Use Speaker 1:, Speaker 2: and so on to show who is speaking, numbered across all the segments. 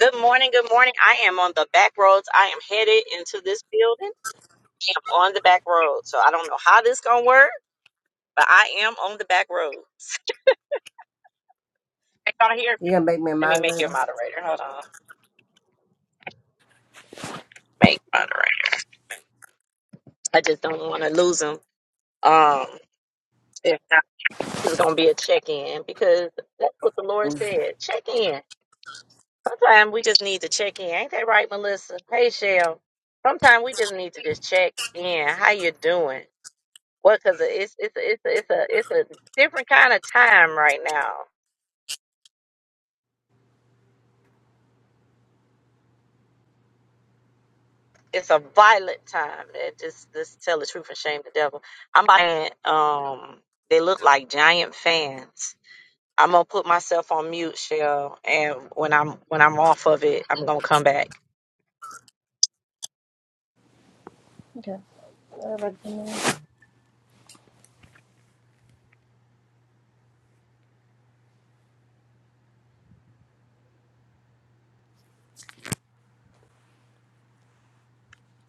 Speaker 1: Good morning. Good morning. I am on the back roads. I am headed into this building. I'm on the back road, so I don't know how this gonna work, but I am on the back roads. Can Y'all hear me?
Speaker 2: You gonna make me a
Speaker 1: Let me make you a
Speaker 2: moderator?
Speaker 1: moderator. Hold on. Make moderator. I just don't want to lose them. Um, if not, it's gonna be a check in because that's what the Lord
Speaker 2: Mm.
Speaker 1: said. Check in. Sometimes we just need to check in. Ain't that right, Melissa? Hey, Shell. Sometimes we just need to just check in. How you doing? Well, because it's it's it's it's a it's a different kind of time right now. It's a violent time. It just just tell the truth and shame the devil. I'm buying. Um, they look like giant fans. I'm gonna put myself on mute, Shell, and when I'm when I'm off of it, I'm gonna come back.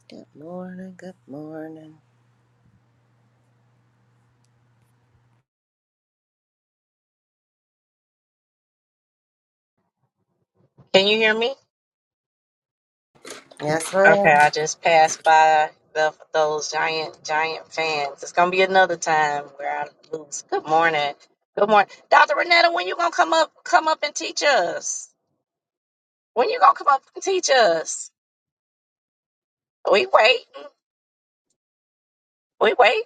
Speaker 2: Good morning, good morning.
Speaker 1: Can you hear me?
Speaker 2: Yes,
Speaker 1: Okay,
Speaker 2: ma'am.
Speaker 1: I just passed by the, those giant giant fans. It's gonna be another time where I lose. Good morning. Good morning, Doctor Renetta. When you gonna come up come up and teach us? When you gonna come up and teach us? We wait. We wait.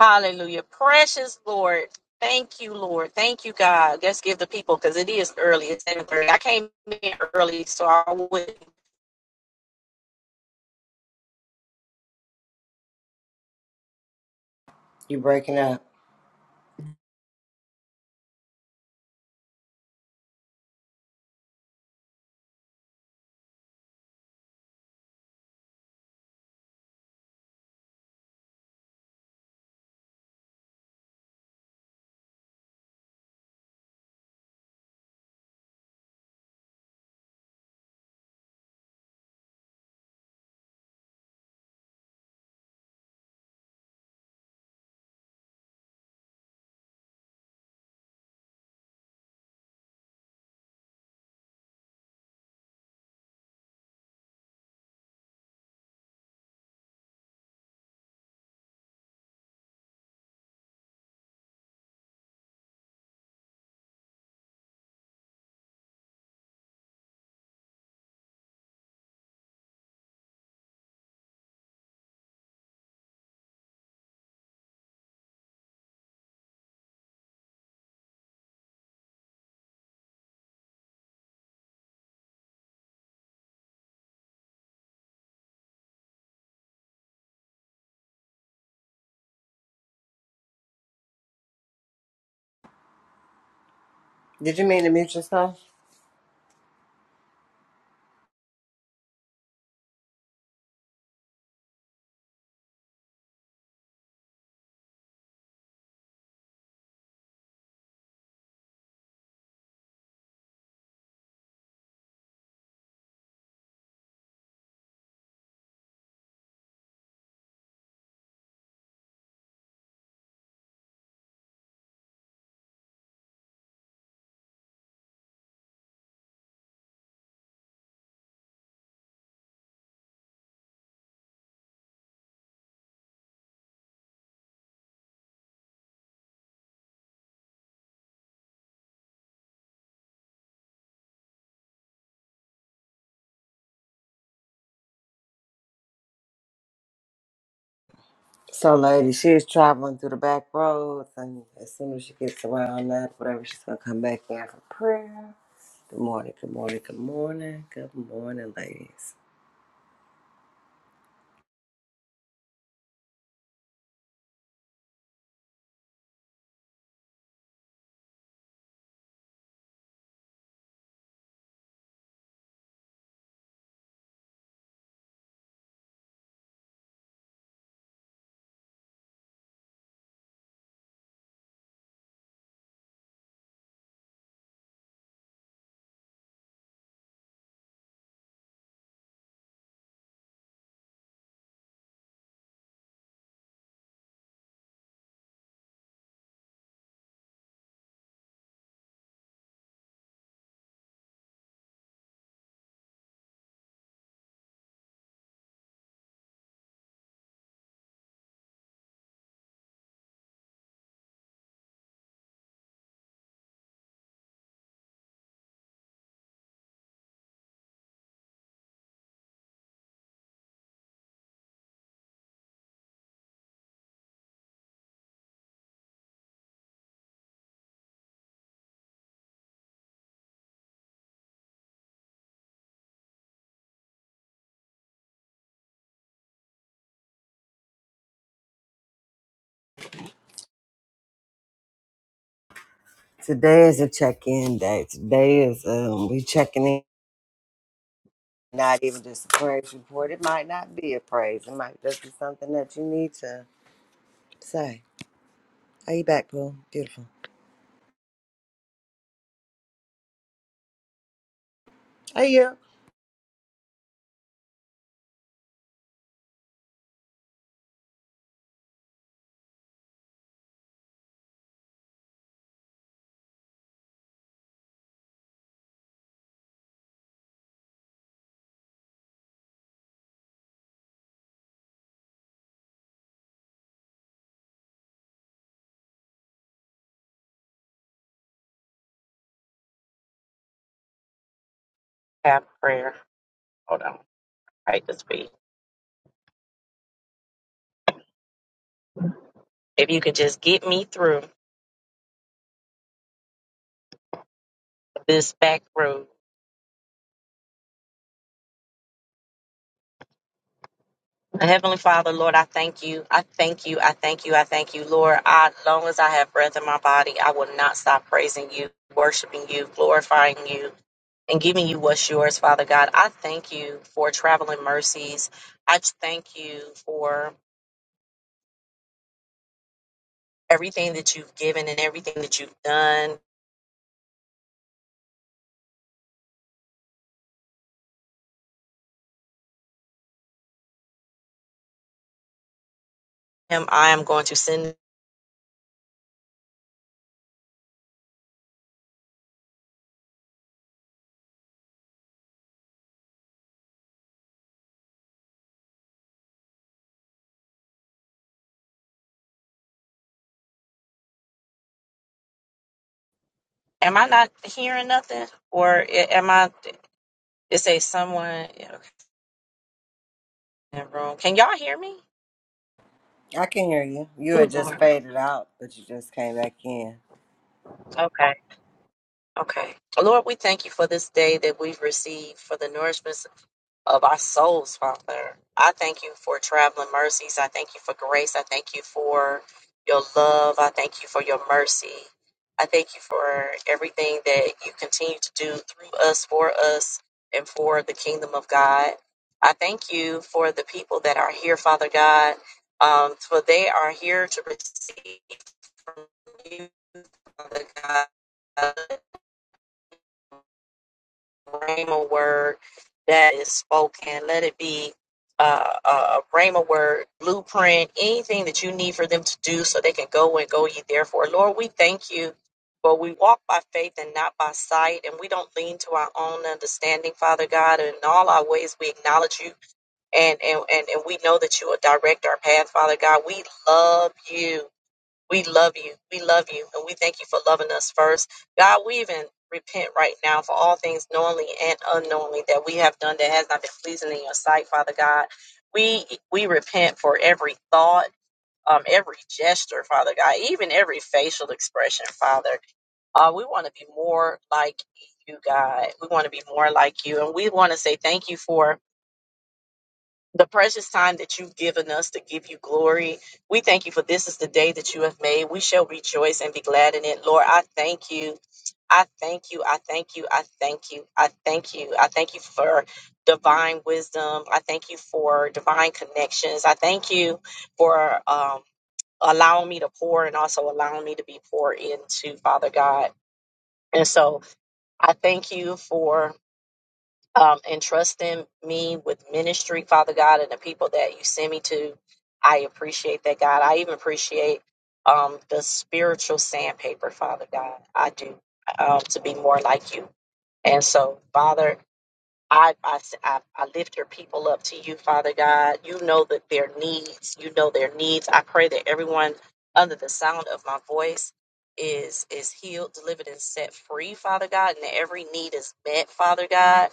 Speaker 1: Hallelujah. Precious Lord. Thank you, Lord. Thank you, God. Let's give the people because it is early. It's seven thirty. I came in early, so I wouldn't
Speaker 2: You breaking up. Did you mean to mute yourself? So, lady, she is traveling through the back roads, and as soon as she gets around that, whatever, she's gonna come back in for prayer. Good morning, good morning, good morning, good morning, ladies. Today is a check-in day. Today is um, we checking in. Not even just a praise report. It might not be a praise. It might just be something that you need to say. Are you back, Pooh? Beautiful. Are you?
Speaker 1: have prayer. Hold on. Right this week. If you could just get me through this back room. Heavenly Father, Lord, I thank you. I thank you. I thank you. I thank you, Lord. I, long as I have breath in my body, I will not stop praising you, worshiping you, glorifying you, and giving you what's yours, Father God. I thank you for traveling mercies. I just thank you for everything that you've given and everything that you've done. Am I am going to send. Am I not hearing nothing, or a- am I? It says someone. yeah, Okay, in the room. Can y'all hear me?
Speaker 2: I can hear you. You
Speaker 1: Oh
Speaker 2: had just
Speaker 1: Lord.
Speaker 2: faded out, but you just came back in.
Speaker 1: Okay. Okay. Lord, we thank you for this day that we've received for the nourishment of our souls, Father. I thank you for traveling mercies. I thank you for grace. I thank you for your love. I thank you for your mercy. I thank you for everything that you continue to do through us, for us, and for the kingdom of God. I thank you for the people that are here, Father God, um, for they are here to receive from you, Father God. rhema word that is spoken. Let it be uh, a rhema word, blueprint, anything that you need for them to do so they can go and go ye therefore. Lord, we thank you. For we walk by faith and not by sight, and we don't lean to our own understanding, Father God. In all our ways, we acknowledge you, and, and, and, and we know that you will direct our path, Father God. We love you. We love you. We love you. And we thank you for loving us first. God, we even repent right now for all things knowingly and unknowingly that we have done that has not been pleasing in your sight, Father God. We we repent for every thought, um, every gesture, Father God, even every facial expression, Father. Uh, we want to be more like you, God. We want to be more like you. And we want to say thank you for the precious time that you've given us to give you glory. We thank you for this is the day that you have made. We shall rejoice and be glad in it. Lord, I thank you. I thank you. I thank you. I thank you. I thank you. I thank you for divine wisdom. I thank you for divine connections. I thank you for um, allowing me to pour and also allowing me to be poured into, Father God. And so I thank you for um, and trusting me with ministry, Father God, and the people that you send me to. I appreciate that, God. I even appreciate um, the spiritual sandpaper, Father God. I do um, to be more like you. And so, Father, I, I, s- I- I lift your people up to you, Father God. You know that their needs, you know their needs. I pray that everyone under the sound of my voice is is healed, delivered, and set free, Father God, and that every need is met, Father God.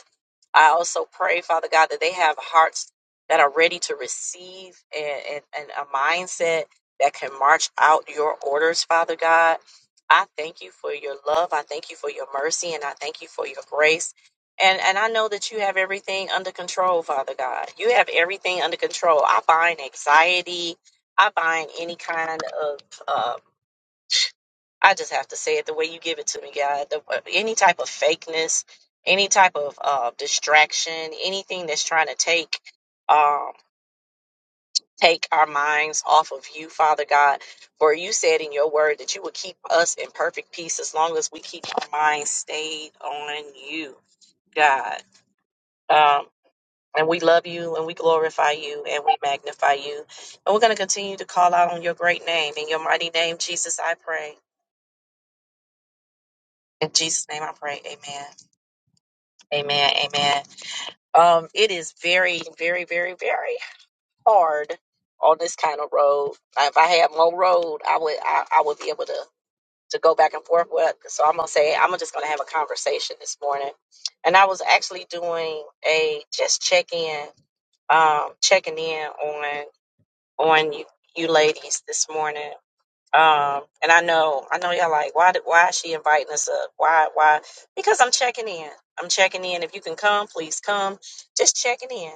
Speaker 1: I also pray, Father God, that they have hearts that are ready to receive and, and, and a mindset that can march out your orders, Father God. I thank you for your love. I thank you for your mercy, and I thank you for your grace. And and I know that you have everything under control, Father God. You have everything under control. I bind anxiety. I bind any kind of um, I just have to say it the way you give it to me, God. The, uh, any type of fakeness, any type of uh, distraction, anything that's trying to take um, take our minds off of you, Father God. For you said in your word that you would keep us in perfect peace as long as we keep our minds stayed on you, God. Um, And we love you and we glorify you and we magnify you. And we're going to continue to call out on your great name. In your mighty name, Jesus, I pray. In Jesus' name I pray. Amen. Amen. Amen. Um, it is very, very, very, very hard on this kind of road. If I had more road, I would I, I would be able to to go back and forth with. So I'm gonna say I'm just gonna have a conversation this morning. And I was actually doing a just check in um, checking in on. on you, you ladies this morning. Um, and I know, I know y'all like, why, did- why is she inviting us up? Why, why? Because I'm checking in. I'm checking in. If you can come, please come. Just checking in,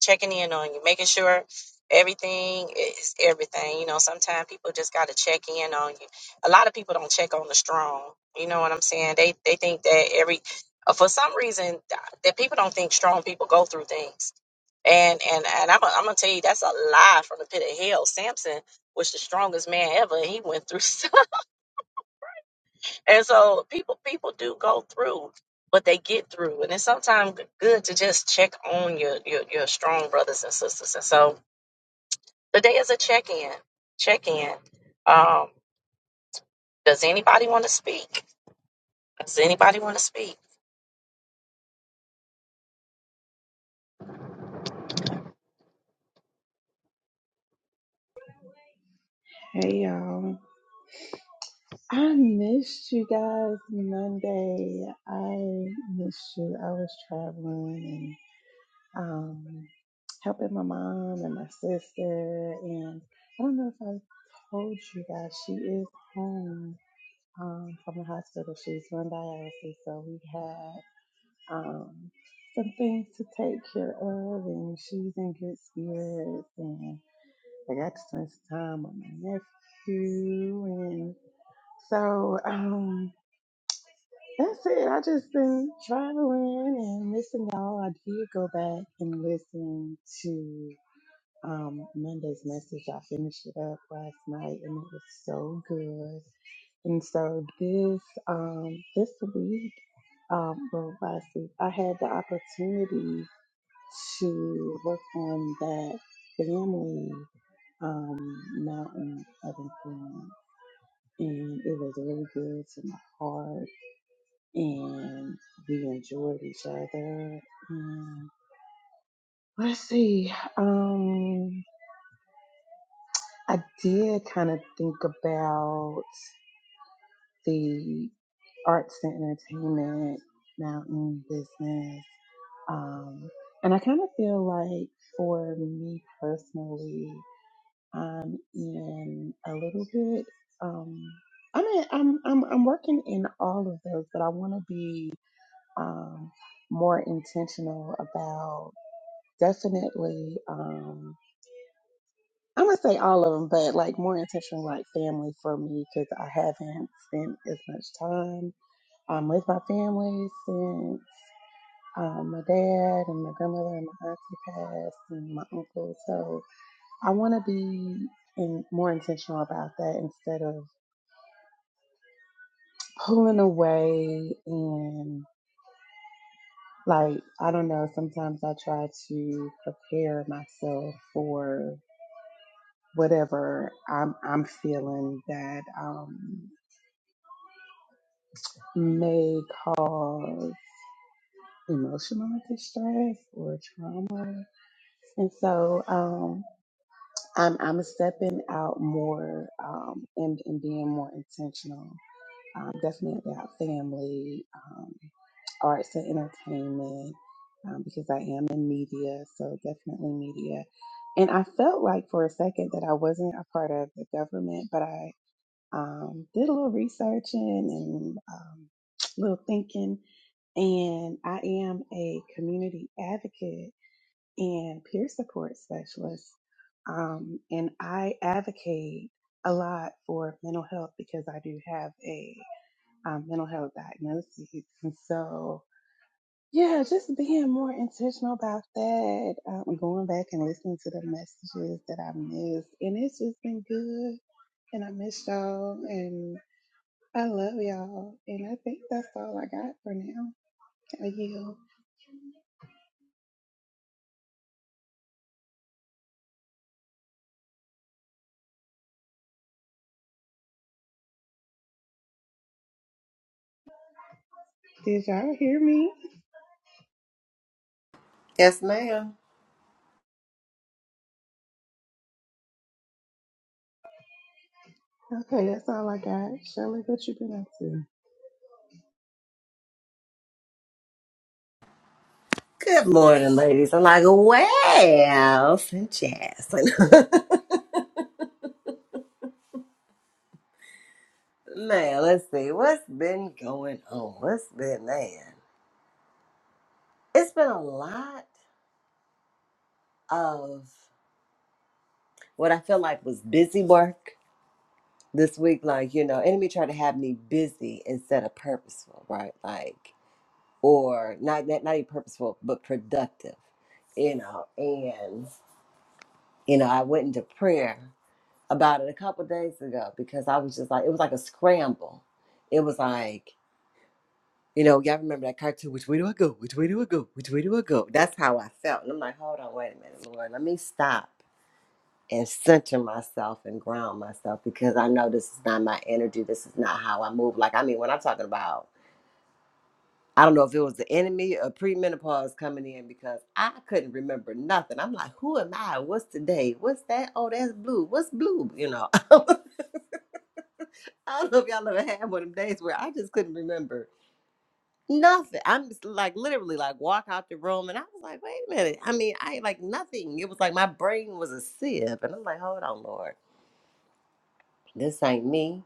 Speaker 1: checking in on you, making sure everything is everything. You know, sometimes people just got to check in on you. A lot of people don't check on the strong. You know what I'm saying? They, they think that every, uh, for some reason, uh, that people don't think strong people go through things. And, and, and I'm, I'm gonna tell you, that's a lie from the pit of hell. Samson was the strongest man ever and he went through so and so people people do go through but they get through and it's sometimes good to just check on your your, your strong brothers and sisters and so today is a check-in check-in um does anybody want to speak does anybody want to speak
Speaker 3: Hey y'all. I missed you guys Monday. I missed you. I was traveling and um helping my mom and my sister and I don't know if I told you guys she is home um from the hospital. She's on dialysis so we had um some things to take care of and she's in good spirits and I got to spend some time with my nephew So um, that's it. I just been traveling and missing y'all. I did go back and listen to um, Monday's message. I finished it up last night, and it was so good. And so this um, this week, um, well, last week, I had the opportunity to work on that family um, mountain of influence, and it was really good to my heart and we enjoyed each other. And let's see. Um, I did kind of think about the arts and entertainment mountain business, um, and I kind of feel like for me personally, I'm in a little bit. Um, i mean, I'm I'm I'm working in all of those, but I want to be um, more intentional about definitely, um, I'm going to say all of them, but like more intentional, like family for me, because I haven't spent as much time um, with my family since um, my dad and my grandmother and my auntie passed and my uncle. So I want to be in, more intentional about that instead of pulling away and. Like, I don't know, sometimes I try to prepare myself for whatever I'm I'm feeling that um may cause emotional distress or trauma. And so um I'm I'm stepping out more um and, and being more intentional um, definitely our family, um, arts and entertainment, um, because I am in media, so definitely media. And I felt like for a second that I wasn't a part of the government, but I um, did a little researching and um, little thinking, and I am a community advocate and peer support specialist. Um, and I advocate a lot for mental health because I do have a um, mental health diagnoses. And so, yeah, just being more intentional about that, um, going back and listening to the messages that I missed. And it's just been good. And I miss y'all. And I love y'all. And I think that's all I got for now. I yield. Did y'all hear me?
Speaker 2: Yes, ma'am.
Speaker 3: Okay, that's all I got. Shirley, what you been up to?
Speaker 2: Good morning, ladies. I'm like, well, and jasmine. man, let's see. What's been going on? What's been, man? It's been a lot of what I feel like was busy work this week. Like, you know, enemy tried to have me busy instead of purposeful, right? Like, or not not, not even purposeful but productive you know and you know i went into prayer about it a couple days ago because i was just like it was like a scramble it was like you know y'all remember that cartoon which way do i go which way do i go which way do i go that's how i felt and i'm like hold on wait a minute lord let me stop and center myself and ground myself because i know this is not my energy this is not how i move like i mean when i'm talking about I don't know if it was the enemy or premenopause coming in because I couldn't remember nothing. I'm like, who am I? What's today? What's that? Oh, that's blue. What's blue? You know, I don't know if y'all ever had one of them days where I just couldn't remember nothing. I'm just like literally like walk out the room and I was like, wait a minute. I mean, I ain't like nothing. It was like my brain was a sieve. And I'm like, hold on, Lord, this ain't me.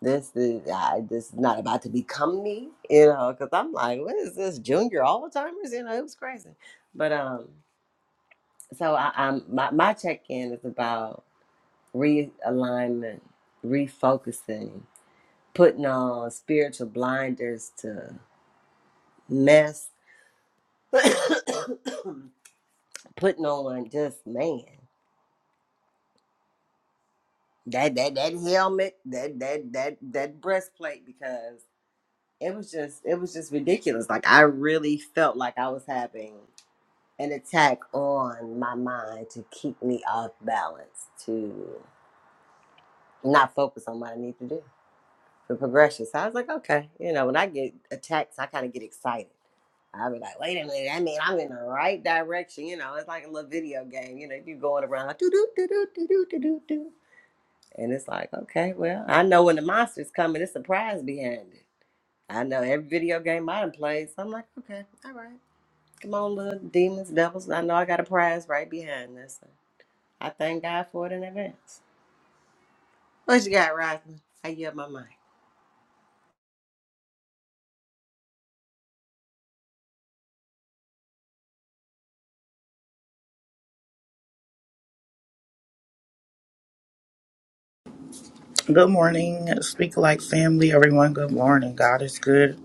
Speaker 2: this is I, this is not about to become me, you know, because I'm like, what is this junior all Alzheimer's? You know, it was crazy. But um, so I, I'm my my check in is about realignment, refocusing, putting on spiritual blinders to mess, putting on just man that that that helmet, that that that that breastplate because it was just it was just ridiculous. Like I really felt like I was having an attack on my mind to keep me off balance, to not focus on what I need to do for progression. So I was like, okay, you know, when I get attacks, I kind of get excited. I'll be like, wait a minute, I mean, I'm in the right direction. You know, it's like a little video game. You know, you going around, do do do do do do do do do, and it's like, okay, well, I know when the monster's coming, it's a surprise behind it. I know every video game I done played, so I'm like, okay, all right, come on, little demons, devils. I know I got a prize right behind this. I thank God for it in advance. What you got, Rosalind? I yield my mind.
Speaker 4: Good morning, Speak Like family, everyone. Good morning. God is good.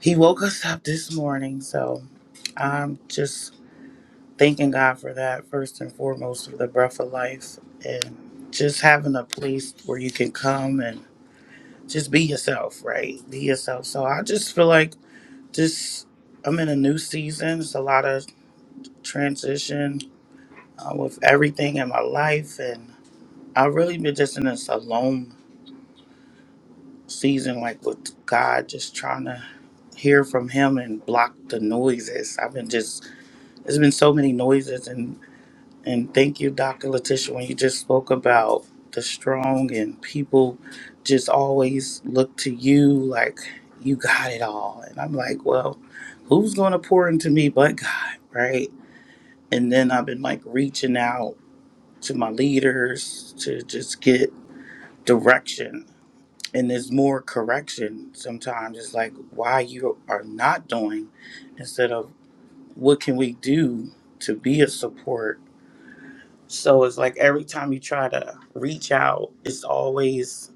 Speaker 4: He woke us up this morning, so I'm just thanking God for that first and foremost for the breath of life and just having a place where you can come and just be yourself, right? Be yourself. So I just feel like just I'm in a new season. It's a lot of transition uh, with everything in my life, and I've really been just in this alone season, like with God, just trying to hear from him and block the noises. I've been just there's been so many noises and and thank you, Dr. Letitia, when you just spoke about the strong and people just always look to you like you got it all. And I'm like, well, who's gonna pour into me but God, right? And then I've been like reaching out to my leaders to just get direction. And there's more correction sometimes. It's like why you are not doing instead of what can we do to be a support? So it's like every time you try to reach out, it's always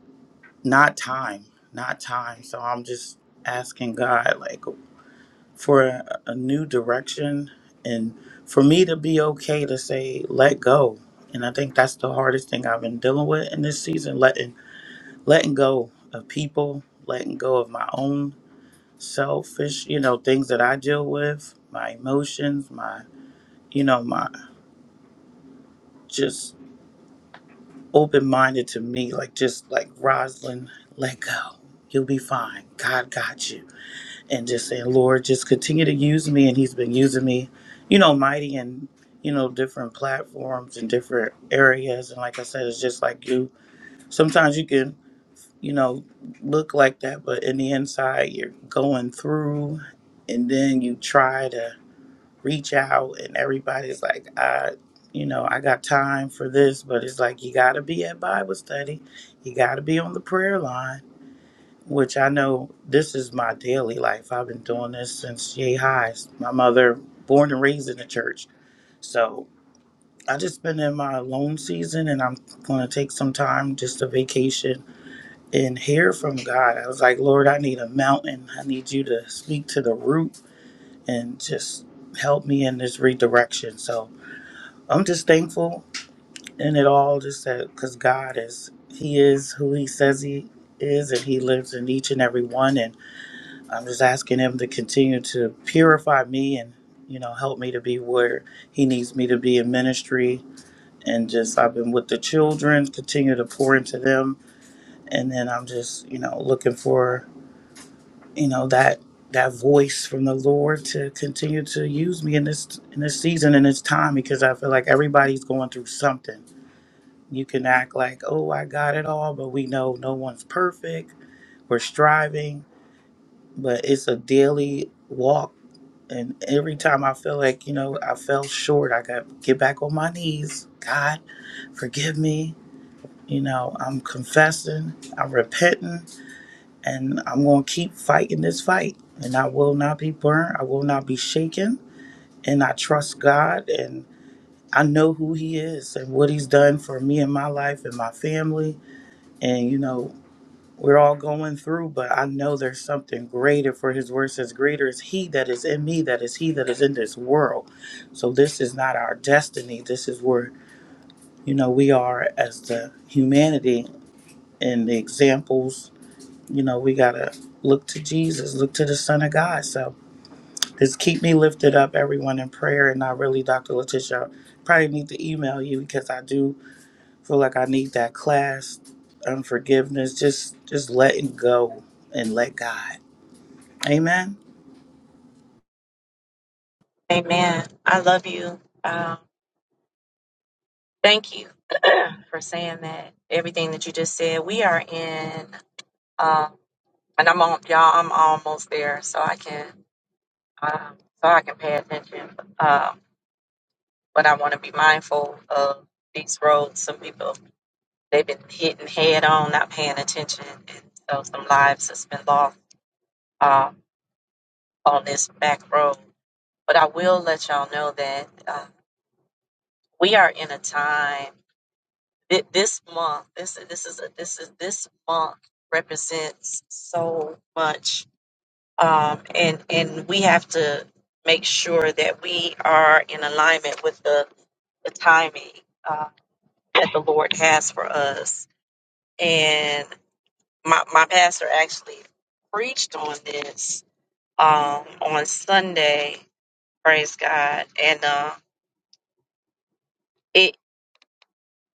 Speaker 4: not time, not time. So I'm just asking God like for a, a new direction and for me to be okay to say let go. And I think that's the hardest thing I've been dealing with in this season, letting letting go of people, letting go of my own selfish, you know, things that I deal with, my emotions, my you know, my just open minded to me, like just like Rosalind, let go. You'll be fine. God got you. And just saying, Lord, just continue to use me. And He's been using me, you know, mighty and, you know, different platforms and different areas. And like I said, it's just like you. Sometimes you can, you know, look like that, but in the inside, you're going through and then you try to reach out and everybody's like i you know i got time for this but it's like you got to be at bible study you got to be on the prayer line which i know this is my daily life i've been doing this since yay highs my mother born and raised in the church so i just been in my alone season and i'm going to take some time just a vacation and hear from god i was like lord i need a mountain i need you to speak to the root and just help me in this redirection so I'm just thankful in it all, just that because God is, He is who He says He is, and He lives in each and every one. And I'm just asking Him to continue to purify me and, you know, help me to be where He needs me to be in ministry. And just, I've been with the children, continue to pour into them. And then I'm just, you know, looking for, you know, that. That voice from the Lord to continue to use me in this in this season in this time because I feel like everybody's going through something You can act like, oh, I got it all, but we know no one's perfect. We're striving, but it's a daily walk. And every time I feel like, you know, I fell short, I got to get back on my knees. God, forgive me. You know, I'm confessing, I'm repenting, and I'm going to keep fighting this fight. And I will not be burned, I will not be shaken. And I trust God, and I know who He is and what He's done for me in my life and my family. And, you know, we're all going through, but I know there's something greater for his word says, Greater is he that is in me, that is he that is in this world. So this is not our destiny. This is where, you know, we are as the humanity and the examples, you know, we gotta look to Jesus, look to the Son of God. So just keep me lifted up, everyone, in prayer. And I really, Dr. Letitia, probably need to email you because I do feel like I need that class. Unforgiveness, just just letting go and let God. Amen.
Speaker 1: amen i love you um thank you for saying that everything that you just said we are in um and i'm on y'all i'm almost there so i can um, so I can pay attention. Um, but I want to be mindful of these roads. Some people they've been hitting head on, not paying attention, and so some lives has been lost um, on this back road. But I will let y'all know that uh, we are in a time thi- this month. This this is a, this is this month represents so much, um, and and we have to make sure that we are in alignment with the the timing uh, that the Lord has for us. And my, my pastor actually preached on this um, on Sunday. Praise God! And uh, it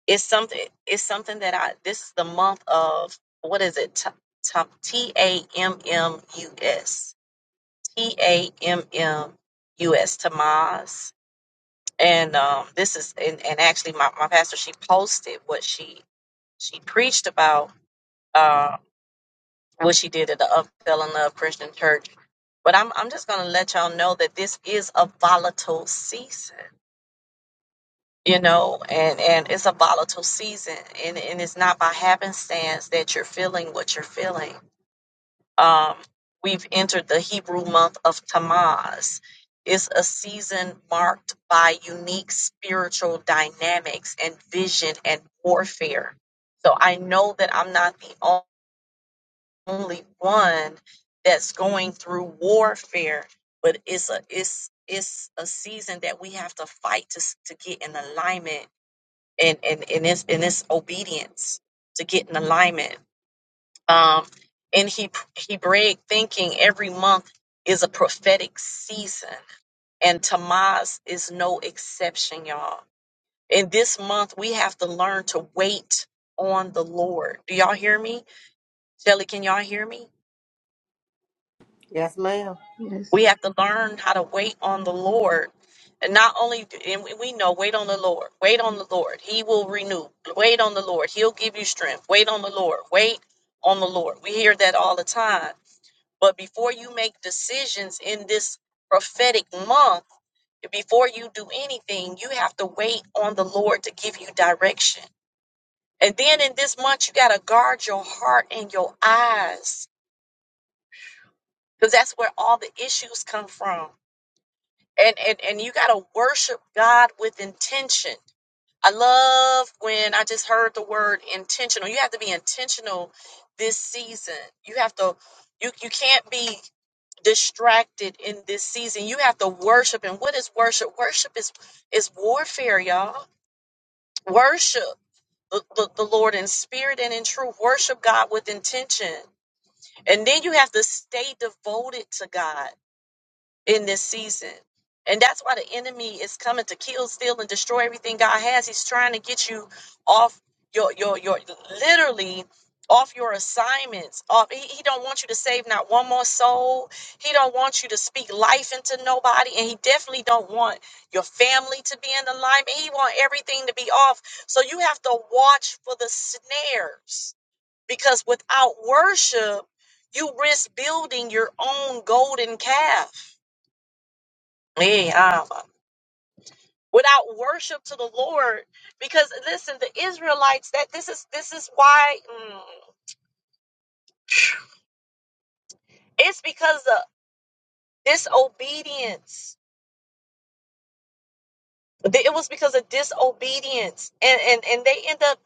Speaker 1: it's something it's something that I this is the month of what is it T T T A M M U S T A M M U S Tamaz. And um, this is and, and actually my, my pastor she posted what she she preached about Um, what she did at the Up Fell in Love Christian Church. But I'm I'm just gonna let y'all know that this is a volatile season, you know, and and it's a volatile season, and and it's not by happenstance that you're feeling what you're feeling. Um, we've entered the Hebrew month of Tammuz. It's a season marked by unique spiritual dynamics and vision and warfare. So I know that I'm not the only only one that's going through warfare, but it's a it's it's a season that we have to fight to s- to get in alignment and and and this and this obedience to get in alignment. Um, in he Hebraic thinking, every month is a prophetic season, and Tamaz is no exception, y'all. In this month, we have to learn to wait on the Lord. Do y'all hear me, Shelly? Can y'all hear me?
Speaker 2: Yes, ma'am.
Speaker 1: We
Speaker 3: Yes.
Speaker 1: have to learn how to wait on the Lord. And not only, and we we know, wait on the Lord, wait on the Lord. He will renew. Wait on the Lord. He'll give you strength. Wait on the Lord. Wait on the Lord. We hear that all the time. But before you make decisions in this prophetic month, before you do anything, you have to wait on the Lord to give you direction. And then in this month, you got to guard your heart and your eyes because that's where all the issues come from and and and you got to worship God with intention. I love when I just heard the word intentional. You have to be intentional this season. You have to you you can't be distracted in this season. You have to worship. And what is worship? Worship is is warfare, y'all. Worship the, the, the Lord in spirit and in truth. Worship God with intention. And then you have to stay devoted to God in this season. And that's why the enemy is coming to kill, steal, and destroy everything God has. He's trying to get you off your your your literally off your assignments. Off he, he don't want you to save not one more soul. He don't want you to speak life into nobody. And he definitely don't want your family to be in alignment. He want everything to be off. So you have to watch for the snares. Because without worship, you risk building your own golden calf Eh, ah, without worship to the Lord. Because listen, the Israelites that this is this is why mm, it's because of disobedience. Th- It was because of disobedience, and and and they end up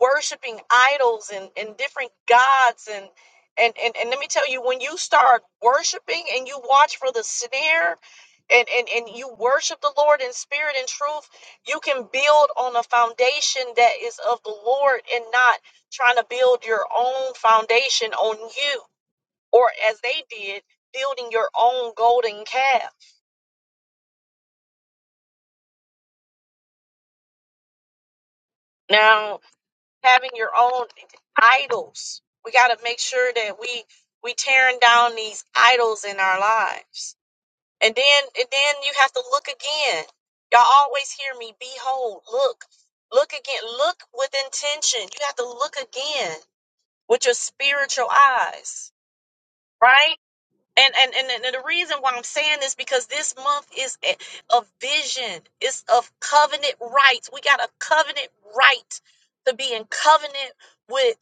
Speaker 1: worshiping idols and, and different gods and and, and and let me tell you when you start worshiping and you watch for the snare and, and and you worship the lord in spirit and truth you can build on a foundation that is of the lord and not trying to build your own foundation on you or as they did building your own golden calf now. having your own idols. We got to make sure that we we tearing down these idols in our lives. And then and then you have to look again. Y'all always hear me, behold, look, look again, look with intention. You have to look again with your spiritual eyes, right? And, and and and the reason why I'm saying this because this month is a, a vision. It's of covenant rights. We got a covenant right to be in covenant with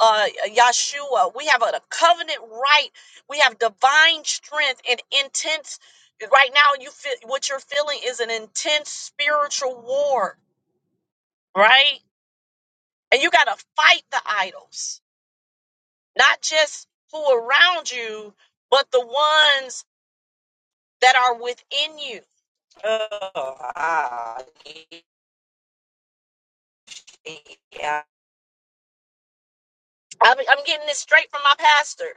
Speaker 1: uh Yeshua. We have a, covenant right. We have divine strength and intense. Right now, you feel what you're feeling is an intense spiritual war, right? And you got to fight the idols, not just who around you, but the ones that are within you Oh, ah, yeah. I'm, I'm getting this straight from my pastor,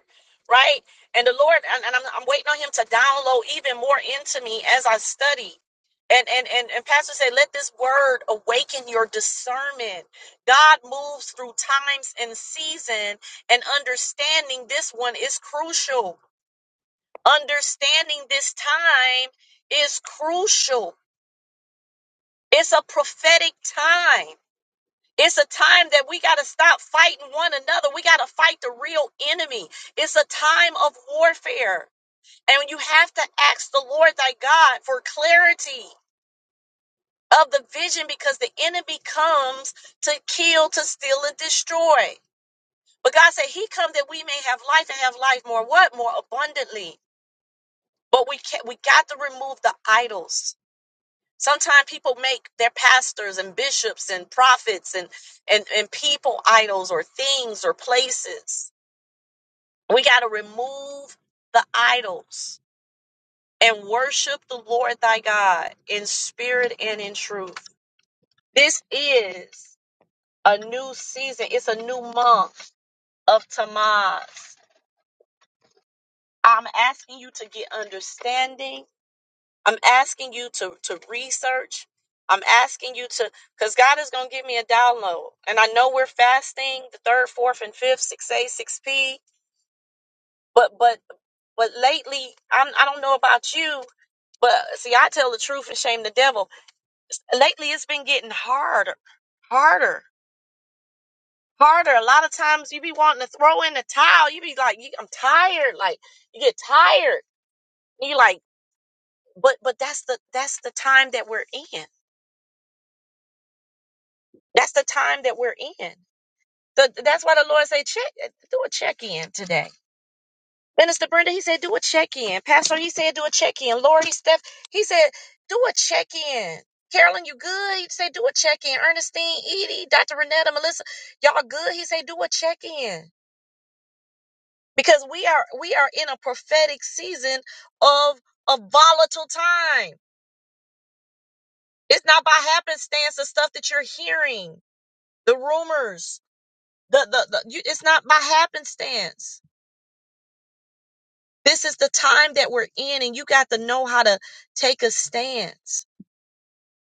Speaker 1: right? And the Lord, and, and I'm, I'm waiting on Him to download even more into me as I study. And, and and and pastor said let this word awaken your discernment god moves through times and season and understanding this one is crucial understanding this time is crucial it's a prophetic time It's a time that we got to stop fighting one another. We got to fight the real enemy. It's a time of warfare. And you have to ask the Lord thy God for clarity of the vision because the enemy comes to kill, to steal, and destroy. But God said he come that we may have life and have life more what? More abundantly. But we can not we got to remove the idols Sometimes people make their pastors and bishops and prophets and, and, and people idols or things or places. We got to remove the idols and worship the Lord thy God in spirit and in truth. This is a new season, it's a new month of Tamaz. I'm asking you to get understanding I'm asking you to to research. I'm asking you to because God is gonna give me a download. And I know we're fasting the third, fourth, and fifth, six A, six P. But but but lately, I'm I don't know about you, but see, I tell the truth and shame the devil. Lately it's been getting harder, harder, harder. A lot of times you be wanting to throw in the towel. You be like, "You- I'm tired. Like you get tired. And you like, but but that's the that's the time that we're in. That's the time that we're in. The, that's why the Lord say, check, do a check in today. Minister Brenda, he said, do a check in. Pastor, he said, do a check in. Lori, Steph, he said, do a check in. Carolyn, you good? He said, do a check in. Ernestine, Edie, Dr. Renetta, Melissa, y'all good? He said, do a check in because we are we are in a prophetic season of a volatile time. It's not by happenstance the stuff that you're hearing, the rumors, the the, the you, it's not by happenstance This is the time that we're in, and you got to know how to take a stance.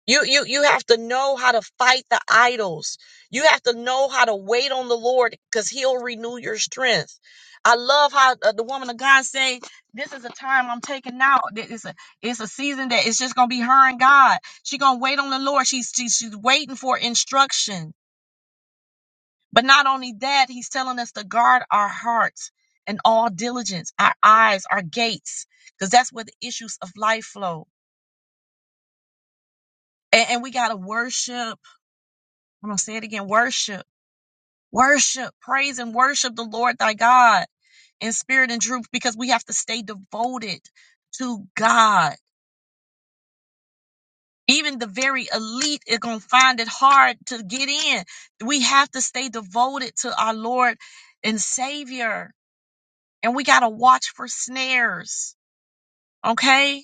Speaker 1: You you you have to know how to fight the idols. You have to know how to wait on the Lord because He'll renew your strength. I love how uh, the woman of God say, "This is a time I'm taking now. Th- It's a it's a season that it's just gonna be her and God. She gonna wait on the Lord. She's she's, she's waiting for instruction. But not only that, he's telling us to guard our hearts and all diligence, our eyes, our gates, because that's where the issues of life flow. And, and we got to worship. I'm going to say it again worship, worship, praise and worship the Lord thy God in spirit and truth because we have to stay devoted to God. Even the very elite are going to find it hard to get in. We have to stay devoted to our Lord and Savior. And we got to watch for snares okay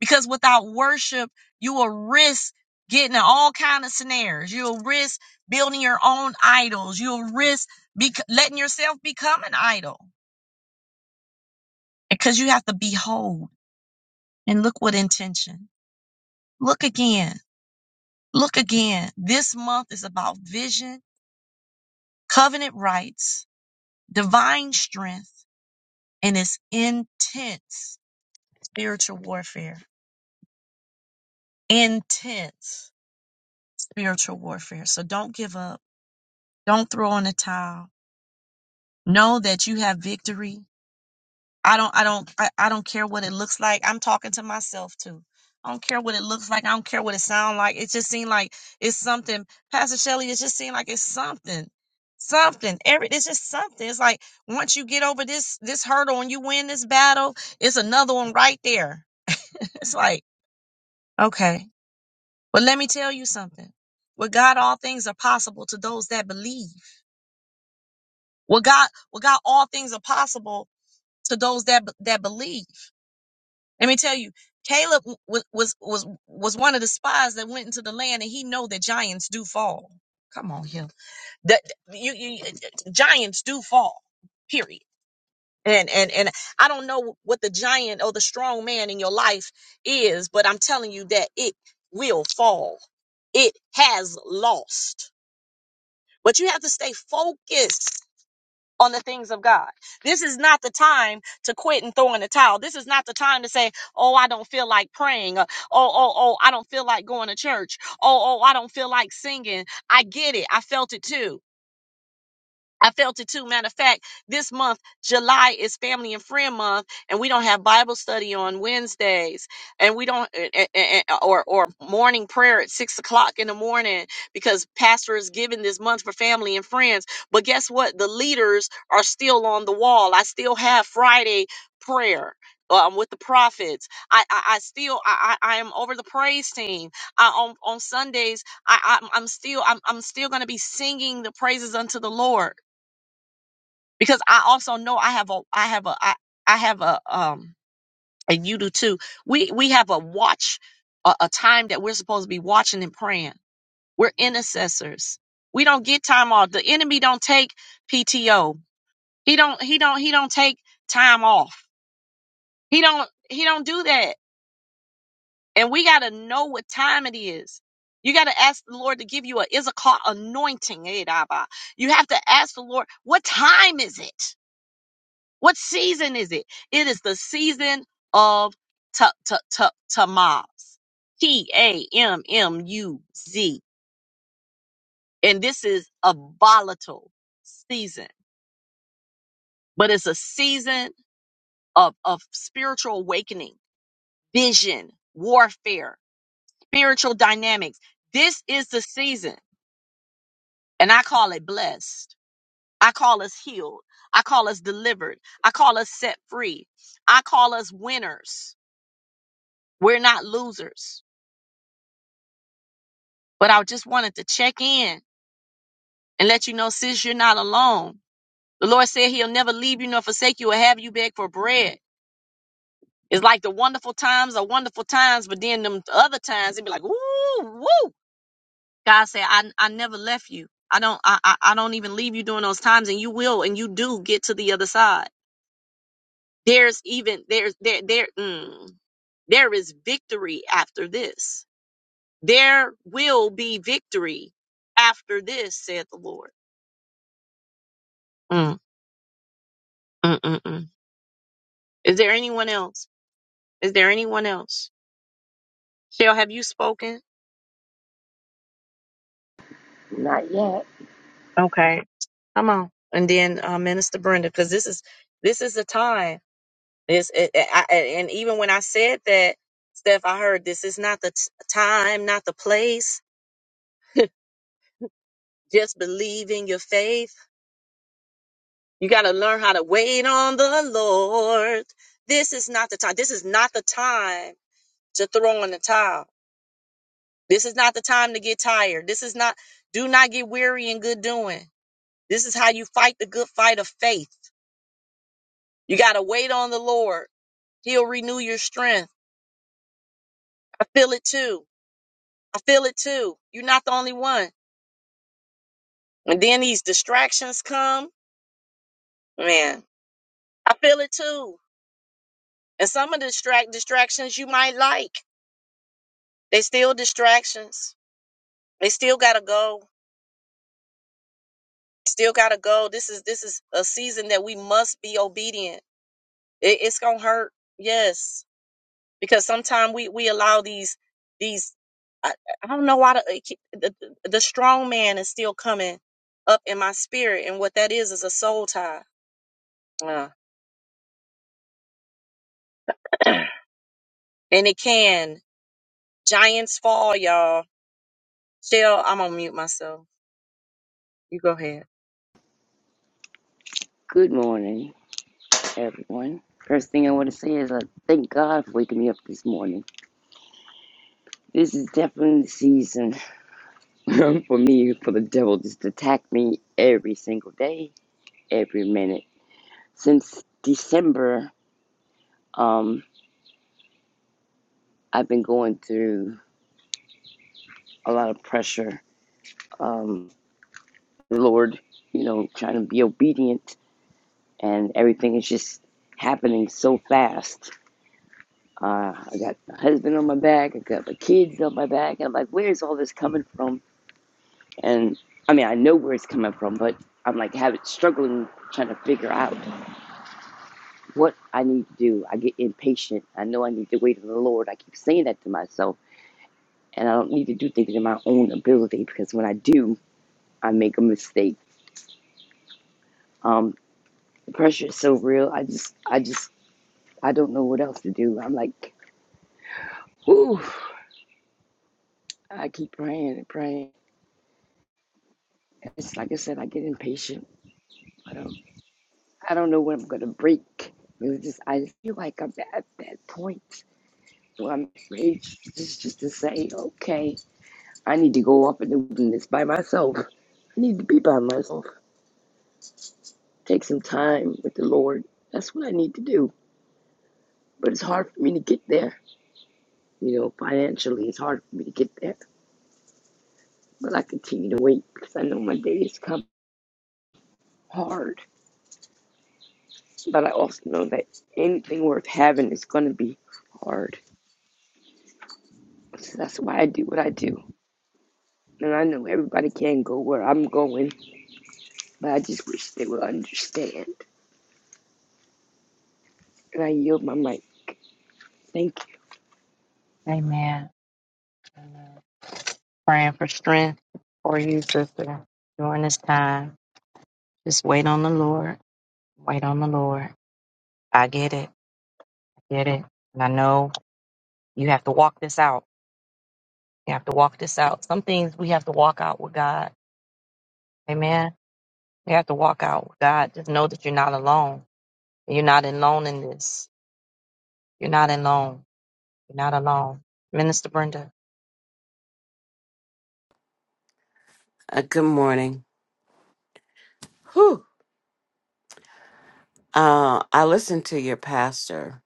Speaker 1: because without worship you will risk getting in all kind of snares you'll risk building your own idols you'll risk bec letting yourself become an idol because you have to behold and look with intention look again look again this month is about vision covenant rights divine strength and it's intense spiritual warfare intense spiritual warfare so don't give up Don't throw in a towel. Know that you have victory. I don't I don't I, I don't care what it looks like. I'm talking to myself too. I don't care what it looks like. I don't care what it sounds like. It just seemed like it's something. Pastor Shelley, it just seemed like it's something. Something. Every it's just something. It's like once you get over this this hurdle and you win this battle, it's another one right there. it's like, okay. But let me tell you something. With God all things are possible to those that believe. Well, God, well, God, all things are possible to those that that believe. Let me tell you, Caleb was was was was one of the spies that went into the land, and he know that giants do fall. Come on, here, that you, you uh, uh, giants do fall. Period. And and and I don't know what the giant or the strong man in your life is, but I'm telling you that it will fall. It has lost, but you have to stay focused on the things of God. This is not the time to quit and throw in the towel. This is not the time to say, "Oh, I don't feel like praying." Uh, "Oh, oh, oh, I don't feel like going to church." "Oh, oh, I don't feel like singing." I get it. I felt it too. I felt it too. Matter of fact, this month, July is family and friend month, and we don't have Bible study on Wednesdays, and we don't, eh, eh, eh, eh, or or morning prayer at six o'clock in the morning because pastor is giving this month for family and friends. But guess what? The leaders are still on the wall. I still have Friday prayer. Um, with the prophets, I I, I still I, I I am over the praise team. I on on Sundays I I'm, I'm still I'm I'm still gonna be singing the praises unto the Lord because I also know I have a I have a I, I have a um and you do too. We we have a watch a, a time that we're supposed to be watching and praying. We're intercessors. We don't get time off. The enemy don't take PTO. He don't he don't he don't take time off. He don't he don't do that. And we got to know what time it is. You got to ask the Lord to give you a Issachar anointing. eh, Daba. You have to ask the Lord, what time is it? What season is it? It is the season of ta ta ta tamaz. T A M M U Z. And this is a volatile season, but it's a season of, of spiritual awakening, vision, warfare, spiritual dynamics. This is the season, and I call it blessed. I call us healed. I call us delivered. I call us set free. I call us winners. We're not losers. But I just wanted to check in and let you know, sis, you're not alone. The Lord said He'll never leave you nor forsake you or have you beg for bread. It's like the wonderful times are wonderful times, but then them other times it'd be like, ooh, woo. God said, I I never left you. I don't I I I don't even leave you during those times, and you will, and you do get to the other side. There's even there's there there mm, there is victory after this. There will be victory after this, said the Lord. Mm, mm, mm, mm. Is there anyone else? Is there anyone else? Shell, have you spoken?
Speaker 5: Not yet.
Speaker 1: Okay, come on. And then uh, Minister Brenda, because this is this is the time. This it, it- I, I- and even when I said that, Steph, I heard this is not the t- time, not the place. Just believe in your faith. You got to learn how to wait on the Lord. This is not the time. This is not the time to throw in the towel. This is not the time to get tired. This is not. Do not get weary in good doing. This is how you fight the good fight of faith. You got to wait on the Lord. He'll renew your strength. I feel it too. I feel it too. You're not the only one. And then these distractions come. Man, I feel it too. And some of the distract distractions you might like, they still distractions. They still gotta go. Still gotta go. This is this is a season that we must be obedient. It, it's gonna hurt. Yes, because sometimes we we allow these these I, I don't know why the, the the strong man is still coming up in my spirit and what that is is a soul tie Uh, and it can giants fall y'all Shell I'm gonna mute myself you go ahead
Speaker 5: Good morning, everyone. First thing I want to say is I thank God for waking me up this morning. This is definitely the season for me for the devil just to attack me every single day, every minute. Since December, um, I've been going through a lot of pressure. Um, the Lord, you know, trying to be obedient, and everything is just happening so fast. Uh, I got my husband on my back. I got my kids on my back. And I'm like, where's all this coming from? And I mean, I know where it's coming from, but I'm like, having struggling trying to figure out what I need to do. I get impatient. I know I need to wait on the Lord. I keep saying that to myself, and I don't need to do things in my own ability because when I do, I make a mistake. Um, the pressure is so real. I just, I just, I don't know what else to do. I'm like, ooh. I keep praying and praying. It's like I said, I get impatient. I don't. I don't know when I'm gonna break. It was just I just feel like I'm at that point where I'm ready just, just to say, okay, I need to go off in the wilderness by myself. I need to be by myself. Take some time with the Lord. That's what I need to do. But it's hard for me to get there. You know, financially, it's hard for me to get there. But I continue to wait because I know my days come hard. But I also know that anything worth having is going to be hard. So that's why I do what I do. And I know everybody can't go where I'm going, but I just wish they would understand. And I yield my mic. Thank you.
Speaker 1: Amen. Amen. Praying for strength for you, sister, during this time. Just wait on the Lord. Wait on the Lord. I get it. I get it. And I know you have to walk this out. We have to walk this out. Some things we have to walk out with God. Amen. We have to walk out with God. Just know that you're not alone. You're not alone in this. You're not alone. You're not alone. Minister Brenda.
Speaker 6: Uh, good morning. Whew. Uh, I listened to your pastor,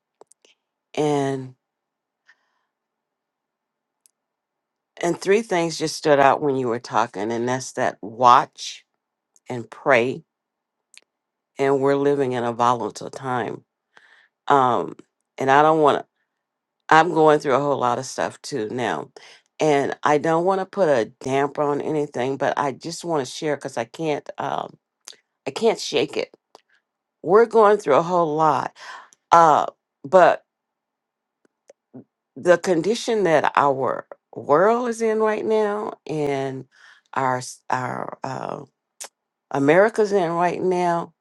Speaker 6: and and three things just stood out when you were talking, and that's that watch and pray, and we're living in a volatile time. Um, and I don't want to. I'm going through a whole lot of stuff too now, and I don't want to put a damper on anything, but I just want to share because I can't. Um, I can't shake it. We're going through a whole lot. Uh, but the condition that our world is in right now and our s- our uh, America's in right now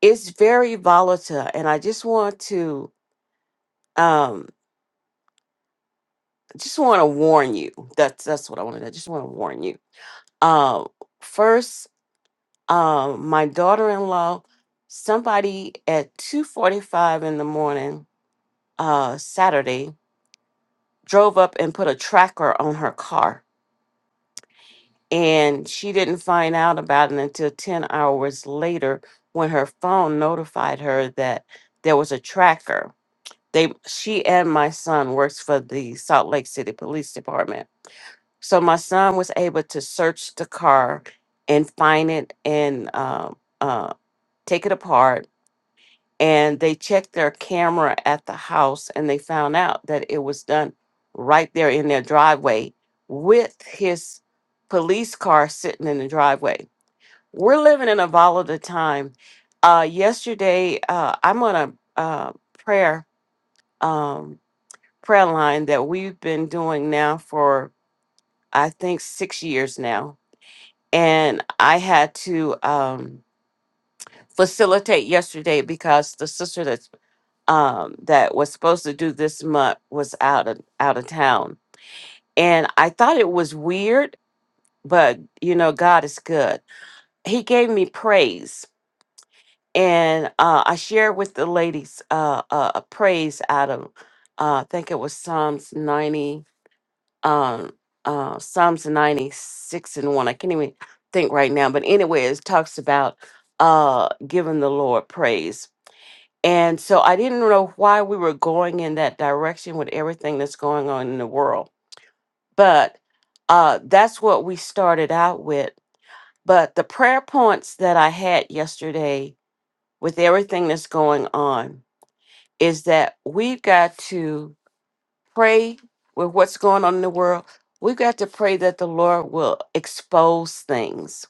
Speaker 6: is very volatile, and I just want to um just want to warn you. That's that's what I wanted. I just want to warn you. Um, first, um, my daughter-in-law, somebody at two forty-five in the morning, uh, Saturday, drove up and put a tracker on her car And she didn't find out about it until 10 hours later when her phone notified her that there was a tracker. They she and my son works for the Salt Lake City Police Department. So my son was able to search the car and find it and uh, uh, take it apart. And they checked their camera at the house and they found out that it was done right there in their driveway with his police car sitting in the driveway. We're living in a volatile time. Uh, yesterday, uh, I'm on a uh, prayer um, prayer line that we've been doing now for I think six years now, and I had to um, facilitate yesterday because the sister that um, that was supposed to do this month was out of out of town, and I thought it was weird, but you know, God is good. He gave me praise and uh, I shared with the ladies uh, uh, a praise out of uh, I think it was Psalms ninety, um, uh, Psalms ninety six and one. I can't even think right now, but anyway, it talks about uh, giving the Lord praise. And so I didn't know why we were going in that direction with everything that's going on in the world, but uh, that's what we started out with. But the prayer points that I had yesterday with everything that's going on is that we've got to pray with what's going on in the world. We've got to pray that the Lord will expose things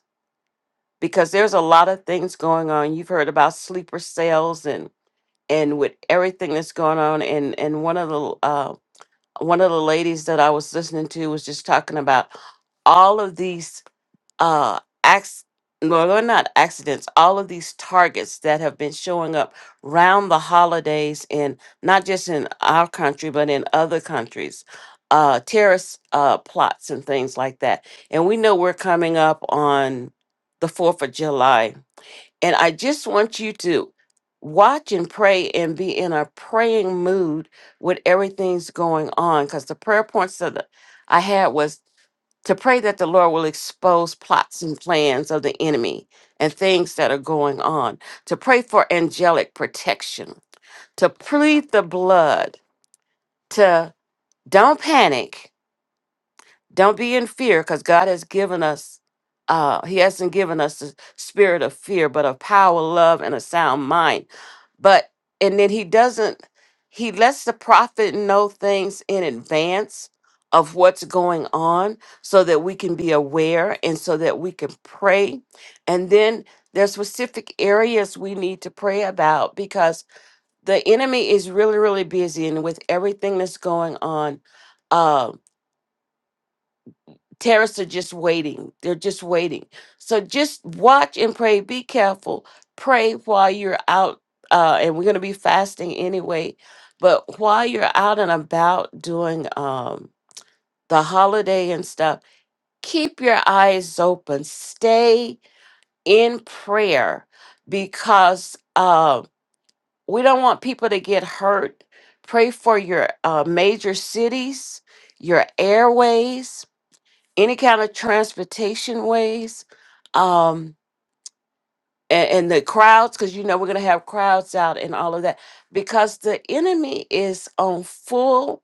Speaker 6: because there's a lot of things going on. You've heard about sleeper cells and and with everything that's going on. And and one of the uh, one of the ladies that I was listening to was just talking about all of these uh acts no, they're not accidents. All of these targets that have been showing up round the holidays in not just in our country but in other countries, uh, terrorist uh, plots and things like that. And we know we're coming up on the Fourth of July, and I just want you to watch and pray and be in a praying mood with everything's going on because the prayer points that I had was to pray that the Lord will expose plots and plans of the enemy and things that are going on, to pray for angelic protection, to plead the blood, to don't panic, don't be in fear, because God has given us. Uh, he hasn't given us the spirit of fear, but of power, love, and a sound mind but and then he doesn't he lets the prophet know things in advance of what's going on so that we can be aware and so that we can pray. And then there's specific areas we need to pray about because the enemy is really, really busy and with everything that's going on. um, Terrorists are just waiting. They're just waiting. So just watch and pray. Be careful. Pray while you're out, uh, and we're going to be fasting anyway. But while you're out and about doing um, the holiday and stuff, keep your eyes open. Stay in prayer because uh, we don't want people to get hurt. Pray for your uh, major cities, your airways any kind of transportation ways um and, and the crowds because you know we're going to have crowds out and all of that because the enemy is on full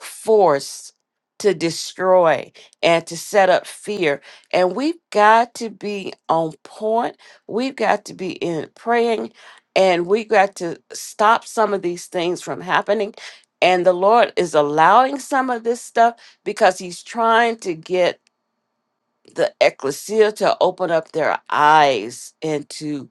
Speaker 6: force to destroy and to set up fear and we've got to be on point we've got to be in praying and we've got to stop some of these things from happening and the lord is allowing some of this stuff because he's trying to get the ecclesia to open up their eyes and to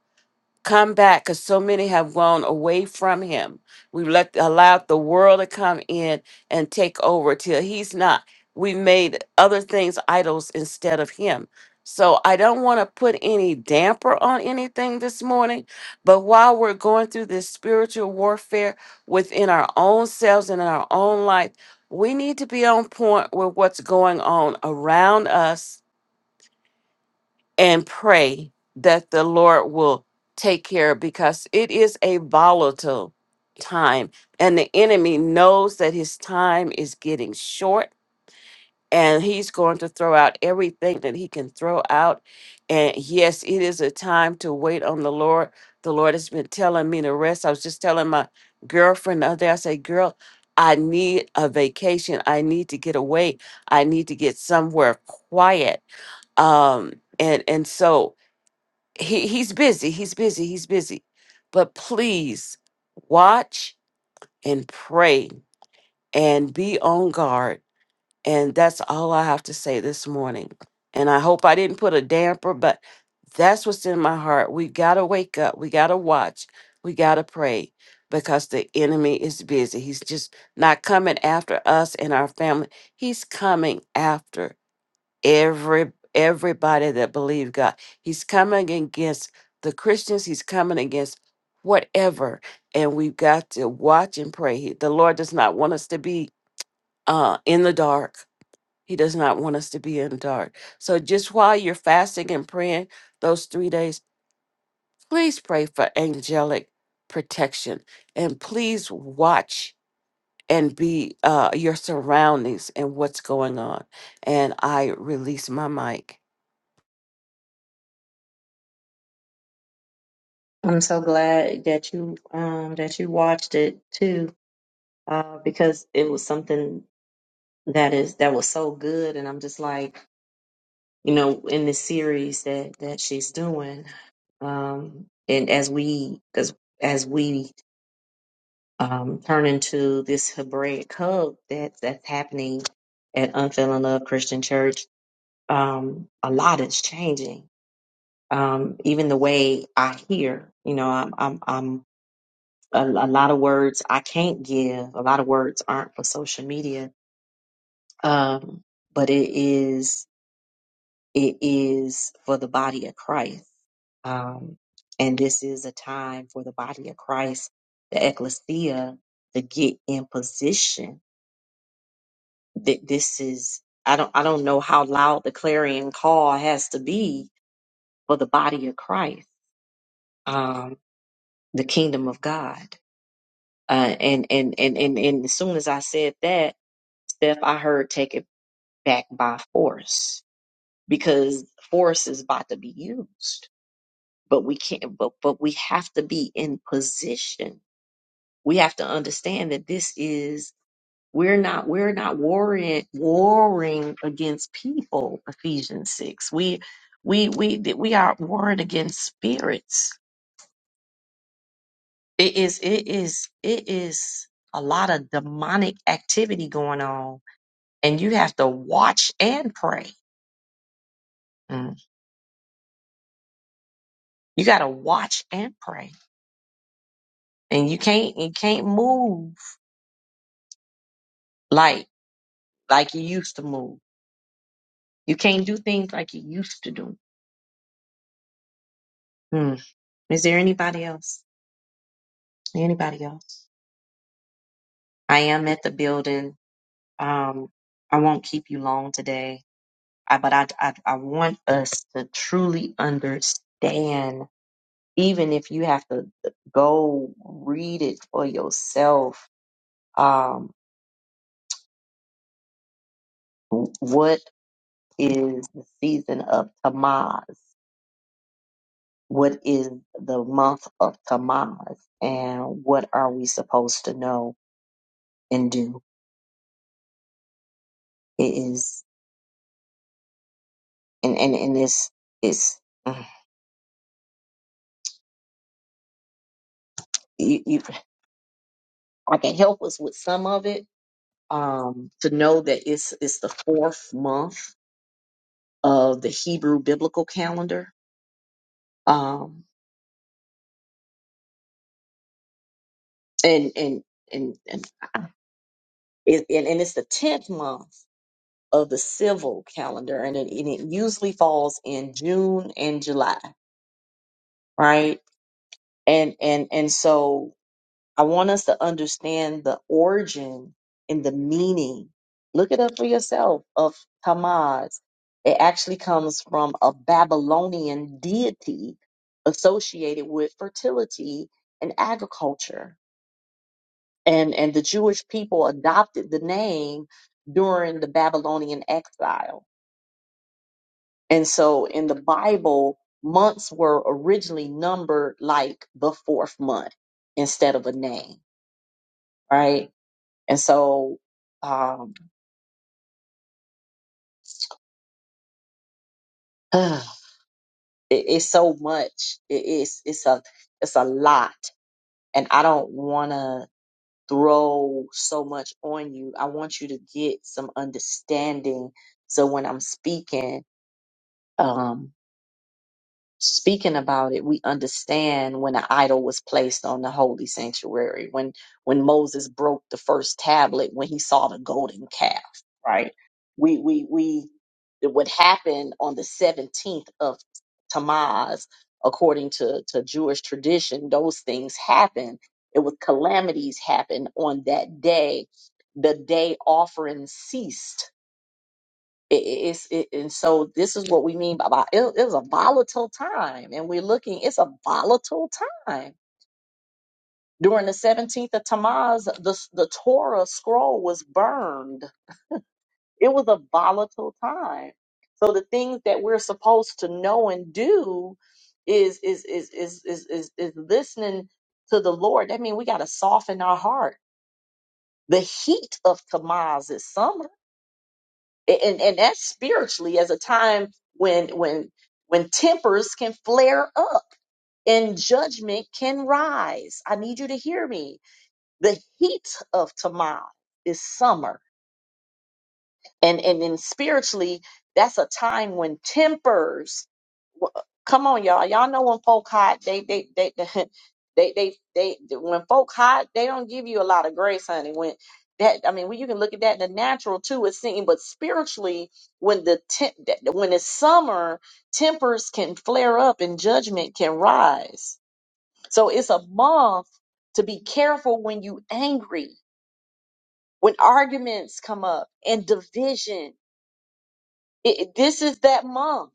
Speaker 6: come back because so many have gone away from him we've let allowed the world to come in and take over till he's not we made other things idols instead of him so i don't want to put any damper on anything this morning but while we're going through this spiritual warfare within our own selves and in our own life we need to be on point with what's going on around us and pray that the Lord will take care because it is a volatile time and the enemy knows that his time is getting short and he's going to throw out everything that he can throw out and yes it is a time to wait on the Lord the Lord has been telling me to rest I was just telling my girlfriend the other day I said girl I need a vacation I need to get away I need to get somewhere quiet um and and so he he's busy he's busy he's busy but please watch and pray and be on guard and that's all i have to say this morning and i hope i didn't put a damper but that's what's in my heart we gotta wake up we gotta watch we gotta pray because the enemy is busy he's just not coming after us and our family he's coming after every everybody that believe God. He's coming against the Christians. He's coming against whatever, and we've got to watch and pray. He- The Lord does not want us to be uh, in the dark. He does not want us to be in the dark. So just while you're fasting and praying those three days, please pray for angelic protection and please watch and be uh, your surroundings and what's going on. And I release my mic.
Speaker 1: I'm so glad that you um that you watched it too, uh, because it was something that is that was so good, and I'm just like, you know, in this series that that she's doing, um, and as we because as we um, turn into this Hebraic hub that that's happening at Unfailing Love Christian Church. Um, a lot is changing. Um, even the way I hear, you know, I'm, I'm, I'm a, a lot of words I can't give. A lot of words aren't for social media. Um, but it is, it is for the body of Christ. Um, and this is a time for the body of Christ, the ecclesia, to get in position that this is I don't I don't know how loud the clarion call has to be for the body of Christ, um, the kingdom of God. Uh, and, and and and and as soon as I said that, Steph, I heard take it back by force because force is about to be used. But we can't. But but we have to be in position. We have to understand that this is We're not we're not warring warring against people, Ephesians six. We we we th- we are warring against spirits. It is it is it is a lot of demonic activity going on, and you have to watch and pray. Mm. You got to watch and pray, and you can't you can't move like like you used to move. You can't do things like you used to do. Mm. Is there anybody else? Anybody else? I am at the building. Um, I won't keep you long today, I, but I, I, I want us to truly understand, even if you have to go read it for yourself, um, what is the season of Tamaz? What is the month of Tamaz? And what are we supposed to know and do? It is, and, and, and this is you, you, I can help us with some of it, um, to know that it's it's the fourth month of the Hebrew biblical calendar, um, and and and and, it, and and it's the tenth month of the civil calendar, and it, and it usually falls in June and July, right? And and and so I want us to understand the origin and the meaning. Look it up for yourself of Hamas. It actually comes from a Babylonian deity associated with fertility and agriculture. And, and the Jewish people adopted the name during the Babylonian exile. And so in the Bible, months were originally numbered like the fourth month instead of a name, right? And so, um, ugh, it, it's so much. It is, it's a, it's a lot. And I don't want to throw so much on you. I want you to get some understanding. So when I'm speaking, um, speaking about it, we understand when an idol was placed on the holy sanctuary, when when Moses broke the first tablet, when he saw the golden calf, right? We we we it would happen on the 17th of Tammuz, according to, to Jewish tradition, those things happen. It was calamities happen on that day. The day offering ceased it, it- it's it, and so this is what we mean by, by it, it was a volatile time, and we're looking. It's a volatile time during the seventeenth of Tammuz. The the Torah scroll was burned. It was a volatile time. So the things that we're supposed to know and do is is is is is is, is listening to the Lord. That means we got to soften our heart. The heat of Tammuz is summer and and that's spiritually as a time when when when tempers can flare up and judgment can rise i need you to hear me the heat of tamar is summer and and then spiritually that's a time when tempers w- come on y'all y'all know when folk hot they they they they they, they when folk hot they don't give you a lot of grace honey when that i mean when you can look at that in the natural too it's seen but spiritually when the temp, that- when it's summer tempers can flare up and judgment can rise so it's a month to be careful when you angry when arguments come up and division it, this is that month.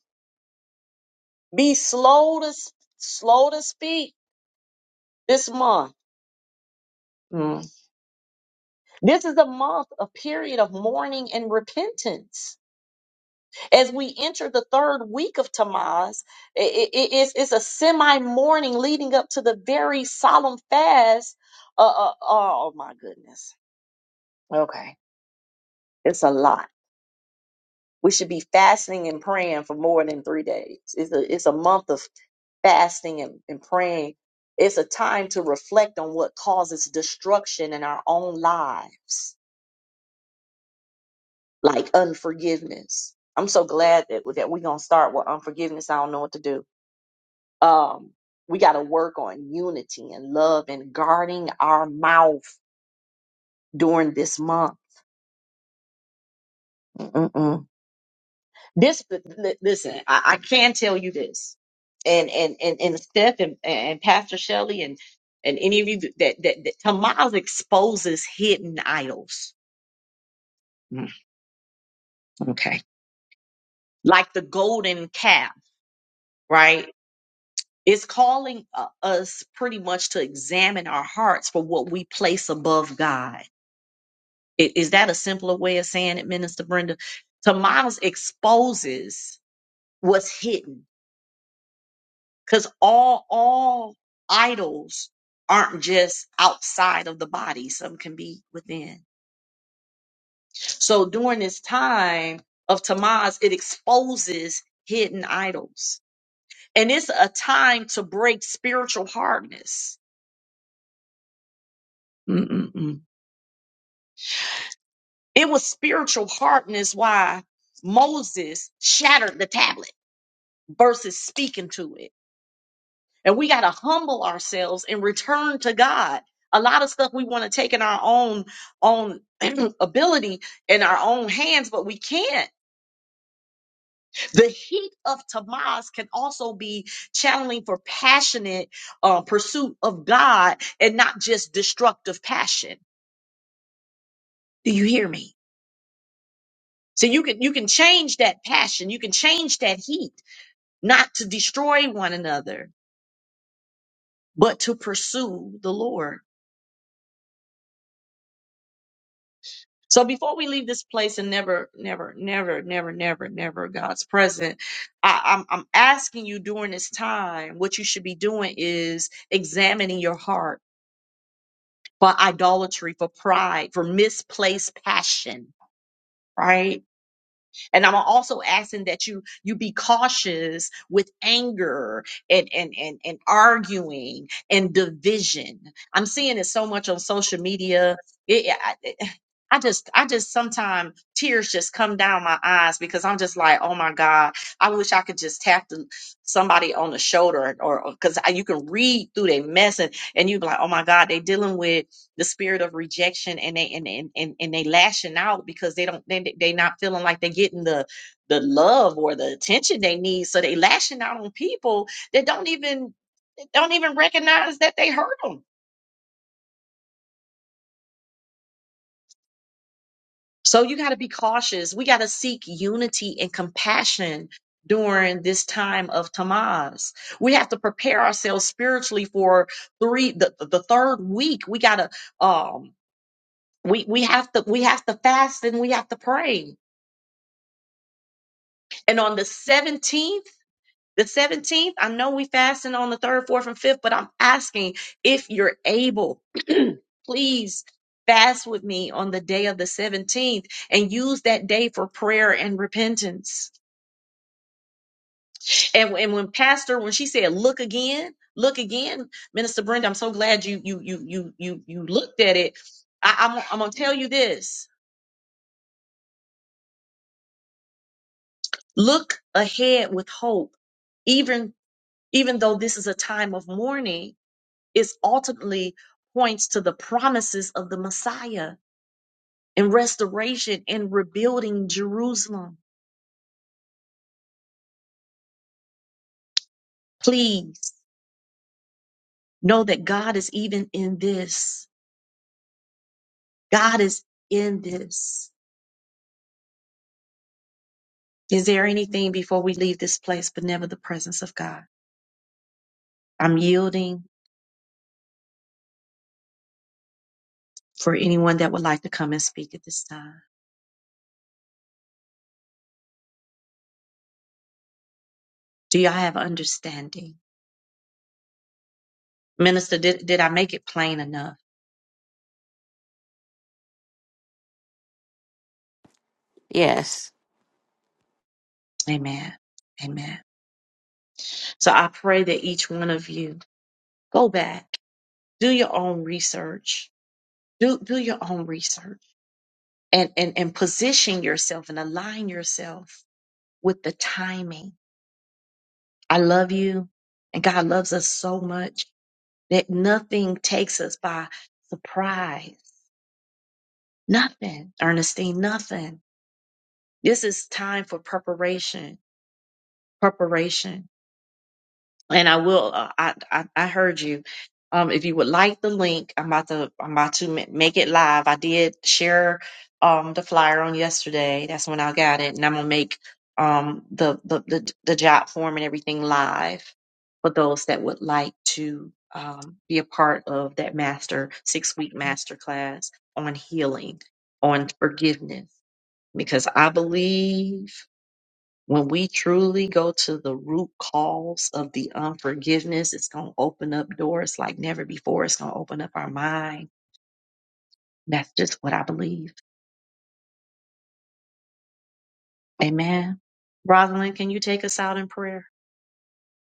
Speaker 1: Be slow to s- slow to speak this month. Mm. This is a month, a period of mourning and repentance. As we enter the third week of Tamaz, i i- i- it's, it's a semi mourning leading up to the very solemn fast. Uh, uh, oh my goodness. Okay, it's a lot. We should be fasting and praying for more than three days. It's a, it's a month of fasting and, and praying. It's a time to reflect on what causes destruction in our own lives, like unforgiveness. I'm so glad that, that we're going to start with unforgiveness. I don't know what to do. Um, we got to work on unity and love and guarding our mouth during this month. Mm-mm-mm. This, li- listen, I, I can tell you this, and and and and Steph and, and Pastor Shelley and and any of you that that, that Tamaz exposes hidden idols. Mm, Okay, like the golden calf, right? It's calling uh, us pretty much to examine our hearts for what we place above God. I- Is that a simpler way of saying it, Minister Brenda? Tamaz exposes what's hidden because all all idols aren't just outside of the body some can be within so during this time of tamaz it exposes hidden idols and it's a time to break spiritual hardness Mm-mm-mm. it was spiritual hardness why moses shattered the tablet versus speaking to it And we got to humble ourselves and return to God. A lot of stuff we want to take in our own own ability in our own hands, but we can't. The heat of Tamaz can also be channeling for passionate uh, pursuit of God and not just destructive passion. Do you hear me? So you can you can change that passion, you can change that heat, not to destroy one another, but to pursue the Lord. So before we leave this place and never, never, never, never, never, never God's present, I, I'm I'm asking you during this time, what you should be doing is examining your heart for idolatry, for pride, for misplaced passion, right? And I'm also asking that you you be cautious with anger and and and, and arguing and division. I'm seeing it so much on social media. It, yeah, I, it- I just, I just sometimes tears just come down my eyes because I'm just like, oh my God, I wish I could just tap the, somebody on the shoulder or because you can read through their mess and, and you be like, oh my God, they dealing with the spirit of rejection and they and and, and, and they lashing out because they don't they they not feeling like they're getting the the love or the attention they need so they lashing out on people that don't even don't even recognize that they hurt them so you got to be cautious we got to seek unity and compassion during this time of Tamaz, we have to prepare ourselves spiritually for three the, the third week. We gotta um we we have to we have to fast and we have to pray And on the 17th, the 17th, I know we fasting on the third, fourth, and fifth, but I'm asking if you're able, please fast with me on the day of the 17th and use that day for prayer and repentance. And, and when Pastor, when she said, look again, look again, Minister Brenda, I'm so glad you you you you you you looked at it. I, I'm I'm gonna tell you this. Look ahead with hope, even even though this is a time of mourning It's ultimately points to the promises of the Messiah and restoration and rebuilding Jerusalem. Please know that God is even in this. God is in this. Is there anything before we leave this place, but never the presence of God? I'm yielding for anyone that would like to come and speak at this time. Do y'all have understanding? Minister, did, did I make it plain enough?
Speaker 6: Yes.
Speaker 1: Amen. Amen. So I pray that each one of you go back do your own research do do your own research and and and position yourself and align yourself with the timing i love you and god loves us so much that nothing takes us by surprise nothing ernestine nothing this is time for preparation preparation and I will. Uh, I, I I heard you. Um, if you would like the link, I'm about to I'm about to ma- make it live. I did share um the flyer on yesterday. That's when I got it, and I'm gonna make um the the the, the job form and everything live for those that would like to um be a part of that master six week master class on healing on forgiveness because I believe. When we truly go to the root cause of the unforgiveness, it's going to open up doors like never before. It's going to open up our mind. That's just what I believe. Amen. Rosalind, can you take us out in prayer,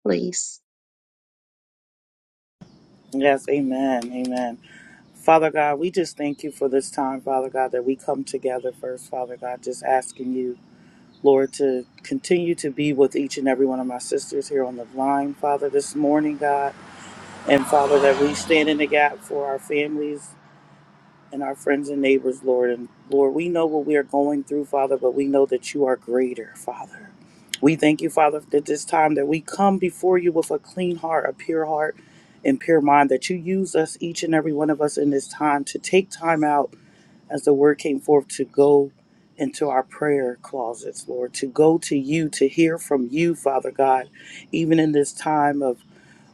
Speaker 1: please?
Speaker 4: Yes, amen, amen. Father God, we just thank you for this time, Father God, that we come together first, Father God, just asking you, Lord, to continue to be with each and every one of my sisters here on the line, Father, this morning, God. And Father, that we stand in the gap for our families, and our friends and neighbors, Lord. And Lord, we know what we are going through, Father, but we know that you are greater, Father. We thank you, Father, that this time that we come before you with a clean heart, a pure heart, and pure mind, that you use us, each and every one of us in this time, to take time out as the word came forth to go into our prayer closets, Lord, to go to you, to hear from you, Father God, even in this time of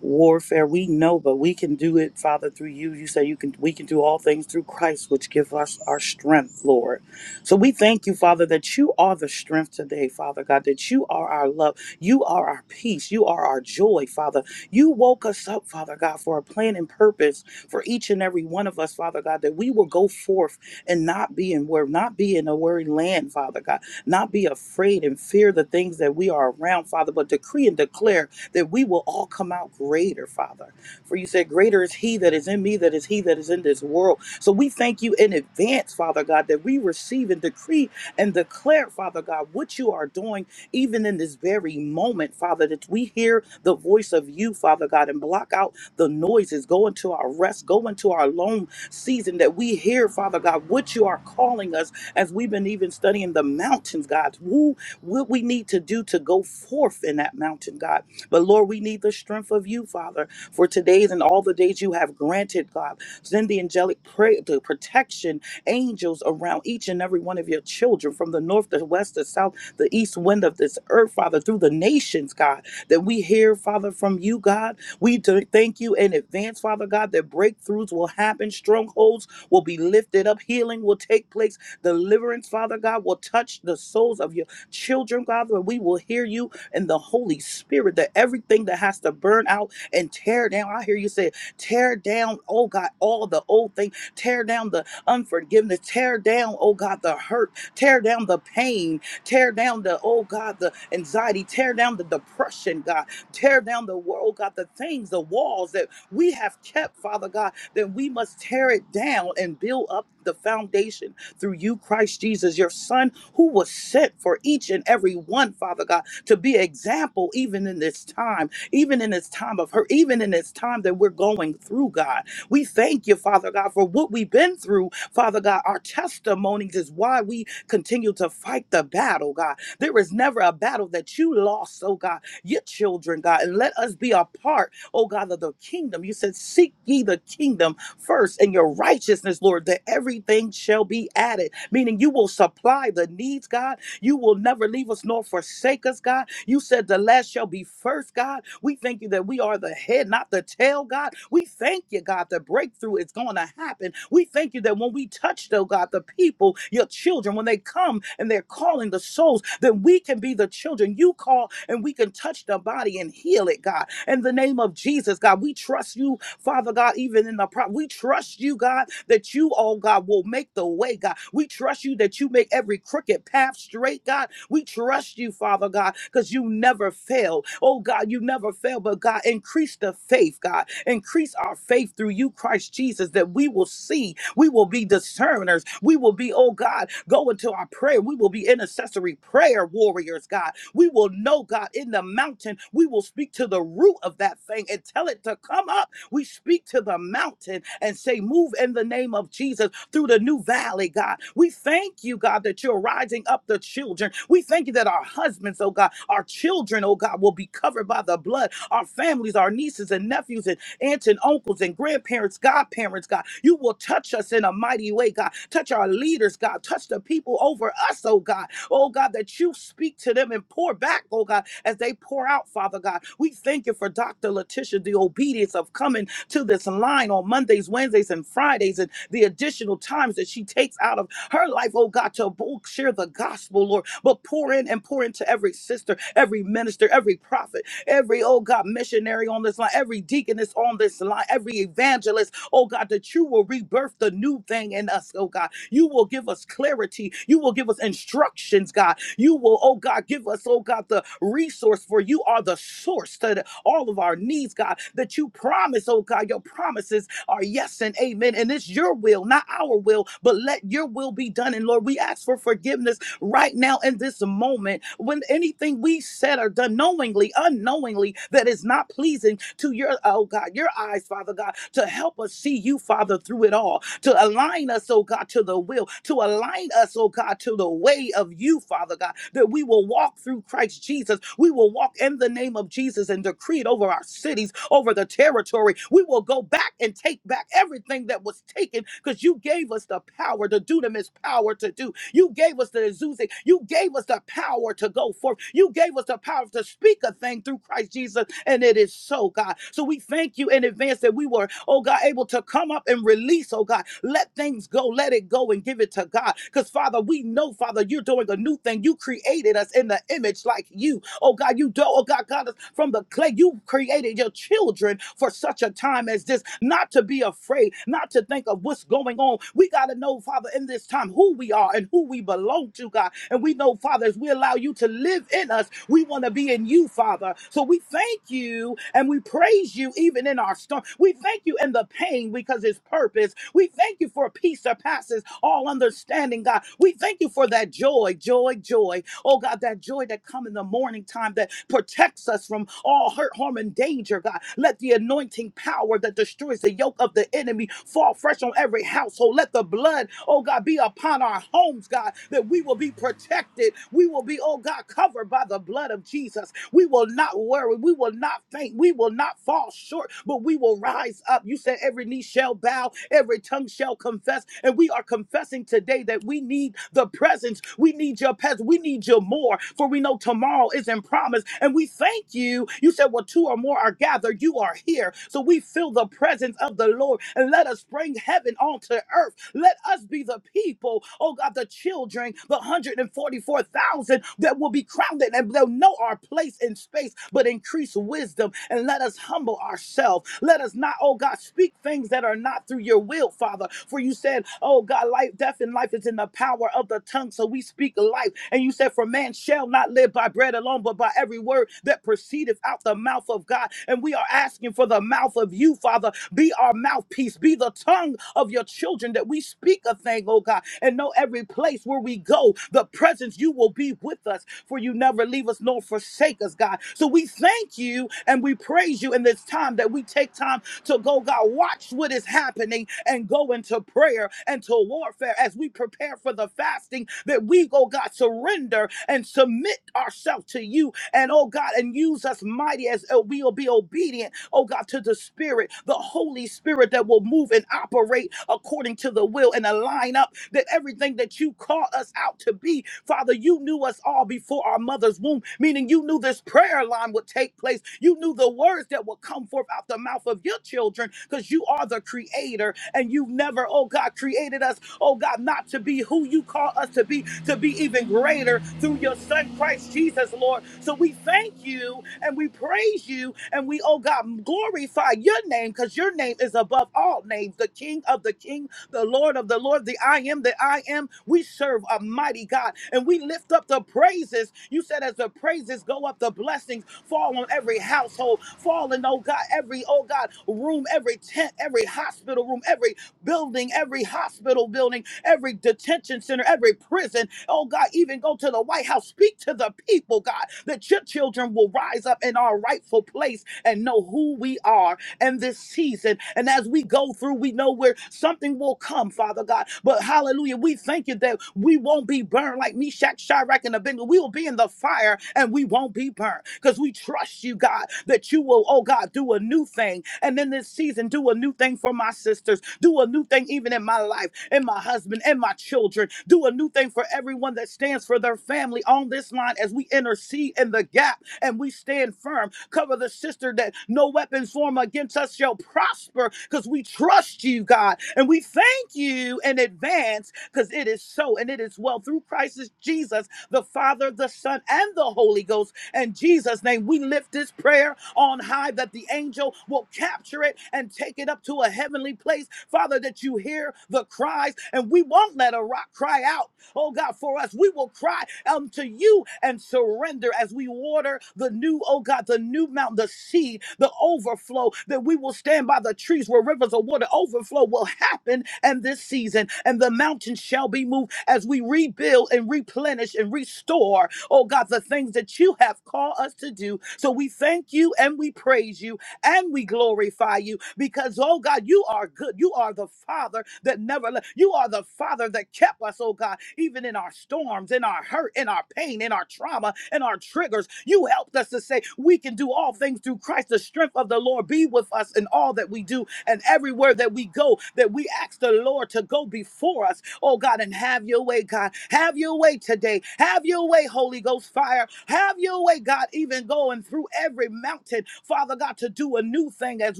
Speaker 4: warfare we know but we can do it father through you you say you can we can do all things through christ which give us our strength lord so we thank you father that you are the strength today father god that you are our love you are our peace you are our joy father you woke us up father god for a plan and purpose for each and every one of us father god that we will go forth and not be in where not be in a worried land father god not be afraid and fear the things that we are around father but decree and declare that we will all come out greater, Father. For you said, Greater is He that is in me, that is He that is in this world. So we thank you in advance, Father God, that we receive and decree and declare, Father God, what you are doing even in this very moment, Father, that we hear the voice of you, Father God, and block out the noises, go into our rest, go into our lone season, that we hear, Father God, what you are calling us as we've been even studying the mountains, God. Who, what we need to do to go forth in that mountain, God. But Lord, we need the strength of you, Father, for today's and all the days you have granted, God. Send the angelic prayer, the protection angels around each and every one of your children from the north, the west, the south, the east wind of this earth, Father, through the nations, God, that we hear, Father, from you, God. We do thank you in advance, Father God, that breakthroughs will happen, strongholds will be lifted up, healing will take place, deliverance, Father God, will touch the souls of your children, God, that we will hear you and the Holy Spirit, that everything that has to burn out and tear down. I hear you say, tear down, oh God, all the old things, tear down the unforgiveness, tear down, oh God, the hurt, tear down the pain, tear down the, oh God, the anxiety, tear down the depression, God, tear down the world, God, the things, the walls that we have kept, Father God, then we must tear it down and build up the foundation through you, Christ Jesus, your Son, who was sent for each and every one, Father God to be example even in this time, even in this time of her, even in this time that we're going through, God. We thank you, Father God, for what we've been through, Father God. Our testimonies is why we continue to fight the battle, God. There is never a battle that you lost, oh God, your children, God. And let us be a part, oh God, of the kingdom. You said, Seek ye the kingdom first and your righteousness, Lord, that everything shall be added, meaning you will supply the needs, God you will never leave us nor forsake us, God. You said the last shall be first, God. We thank you that we are the head, not the tail, God. We thank you, God, the breakthrough is going to happen. We thank you that when we touch, though, God, the people, your children, when they come and they're calling the souls, then we can be the children you call and we can touch the body and heal it, God. In the name of Jesus, God, we trust you Father God, even in the problem, we trust you, God, that you, oh God, will make the way, God. We trust you that you make every crooked path straight, God. We trust you, Father God, because you never fail. Oh God, you never fail, but God, increase the faith, God. Increase our faith through you, Christ Jesus, that we will see, we will be discerners, we will be, oh God, go into our prayer, we will be intercessory prayer warriors, God. We will know, God, in the mountain, we will speak to the root of that thing and tell it to come up we speak to the mountain and say, Move in the name of Jesus through the new valley, God. We thank you, God, that you're rising up the children. We thank you that our husbands, oh God, our children, oh God, will be covered by the blood. Our families, our nieces and nephews, and aunts and uncles and grandparents, godparents, God. You will touch us in a mighty way, God. Touch our leaders, God. Touch the people over us, oh God. Oh God, that you speak to them and pour back, oh God as they pour out, Father God. We thank you for Dr. Letitia, the obedience of coming to this line on Mondays, Wednesdays, and Fridays, and the additional times that she takes out of her life, oh God, to bo- share the gospel, Lord, but pour in and pour into every sister, every minister, every prophet, every, oh God, missionary on this line, every deaconess on this line, every evangelist, oh God, that you will rebirth the new thing in us, oh God you will give us clarity. You will give us instructions, God. You will, oh God, give us, oh God, the resource for you are the source to the- all of our needs, God, that you promise, oh God, your promises are yes and amen. And it's your will, not our will, but let your will be done. And Lord, we ask for forgiveness right now in this moment when anything we said or done knowingly, unknowingly, that is not pleasing to your, oh God, your eyes, Father God, to help us see you, Father, through it all, to align us, oh God, to the will, to align us, oh God, to the way of you, Father God, that we will walk through Christ Jesus. We will walk in the name of Jesus and decree it over our cities, over the territory. We will go back and take back everything that was taken because you gave us the power to do them as power to do. You gave gave us the Azusa. You gave us the power to go forth. You gave us the power to speak a thing through Christ Jesus. And it is so, God. So we thank you in advance that we were, oh God, able to come up and release, oh God. Let things go. Let it go and give it to God. Because, Father, we know, Father, you're doing a new thing. You created us in the image like you. Oh God, you do, oh God, God, from the clay. You created your children for such a time as this, not to be afraid, not to think of what's going on. We got to know, Father, in this time who we are and and who we belong to, God. And we know, Father, as we allow you to live in us, we want to be in you, Father. So we thank you and we praise you even in our storm. We thank you in the pain because it's purpose. We thank you for a peace that passes all understanding, God. We thank you for that joy, joy, joy. Oh, God, that joy that comes in the morning time that protects us from all hurt, harm, and danger, God. Let the anointing power that destroys the yoke of the enemy fall fresh on every household. Let the blood, oh God, be upon our upon our homes, God, that we will be protected. We will be, oh God, covered by the blood of Jesus. We will not worry. We will not faint. We will not fall short, but we will rise up. You said every knee shall bow, every tongue shall confess. And we are confessing today that we need the presence. We need your presence. We need your more, for we know tomorrow isn't promised. And we thank you. You said, well, two or more are gathered. You are here. So we feel the presence of the Lord. And let us bring heaven onto earth. Let us be the people, oh God, the children, the 144,000 that will be crowded and they'll know our place in space, but increase wisdom and let us humble ourselves. Let us not, oh God, speak things that are not through your will, Father. For you said, oh God, life, death, and life is in the power of the tongue. So we speak life. And you said, for man shall not live by bread alone, but by every word that proceedeth out the mouth of God. And we are asking for the mouth of you, Father. Be our mouthpiece, be the tongue of your children that we speak a a thing, oh God. And know every place where we go, the presence you will be with us, for you never leave us nor forsake us, God. So we thank you and we praise you in this time that we take time to go, God, watch what is happening and go into prayer and to warfare as we prepare for the fasting that we go, God, surrender and submit ourselves to you and oh God, and use us mighty as uh, we will be obedient, oh God, to the Spirit, the Holy Spirit that will move and operate according to the will your will and align up that everything that you call us out to be, Father, you knew us all before our mother's womb, meaning you knew this prayer line would take place. You knew the words that would come forth out the mouth of your children because you are the creator and you've never, oh God, created us, oh God, not to be who you call us to be, to be even greater through your son Christ Jesus, Lord. So we thank you and we praise you and we, oh God, glorify your name because your name is above all names, the King of the King the Lord of the Lord, the I am that I am. We serve a mighty God and we lift up the praises. You said, as the praises go up, the blessings fall on every household, fall in, oh God, every, oh God, room, every tent, every hospital room, every building, every hospital building, every detention center, every prison. Oh God, even go to the White House, speak to the people, God, that your children will rise up in our rightful place and know who we are in this season. And as we go through, we know where something will come, Father God. But hallelujah, we thank you that we won't be burned like Meshach, Shadrach, and Abednego. We will be in the fire and we won't be won't be burned because we trust you, God, that you will, oh God, do a new thing. And in this season, do a new thing for my sisters, do a new thing even in my life, in my husband, and my children, do a new thing for everyone that stands for their family on this line as we intercede in the gap and we stand firm. Cover the sister that no weapons formed against us shall prosper because we trust you, God, and we thank you in advance because it is so and it is well through Christ Jesus, the Father, the Son, and the Holy Ghost in Jesus' name, we lift this prayer on high that the angel will capture it and take it up to a heavenly place. Father, that you hear the cries, and we won't let a rock cry out. Oh God, for us, we will cry unto you and surrender as we water the new, oh God, the new mountain, the seed, the overflow, that we will stand by the trees where rivers of water overflow will happen in this season, and the mountains shall be moved as we rebuild and replenish and restore oh God, the things that you have called us to do. So we thank you and we praise you and we glorify you because, oh God, you are good. You are the Father that never left. You are the Father that kept us, oh God, even in our storms, in our hurt, in our pain, in our trauma, in our triggers. You helped us to say we can do all things through Christ. The strength of the Lord be with us us in all that we do and everywhere that we go, that we ask the Lord to go before us, oh God, and have your way, God. Have your way today. Have your way, Holy Ghost fire. Have your way, God, even going through every mountain, Father God, to do a new thing as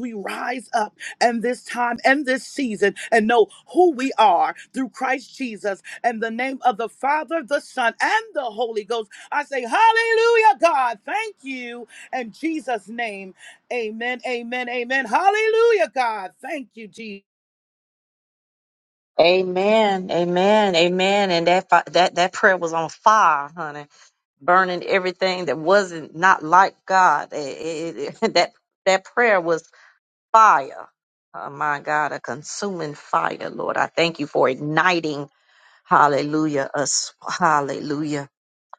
Speaker 4: we rise up and this time and this season and know who we are through Christ Jesus and the name of the Father, the Son, and the Holy Ghost. I say, Hallelujah, God. Thank you. In Jesus' name. Amen. Amen. Amen. Hallelujah, God. Thank you, Jesus.
Speaker 1: Amen, amen, amen. And that fi- that that prayer was on fire, honey, burning everything that wasn't not like God. It- it- it- that that prayer was fire. Oh my God, a consuming fire, Lord. I thank you for igniting Hallelujah. Us. Hallelujah.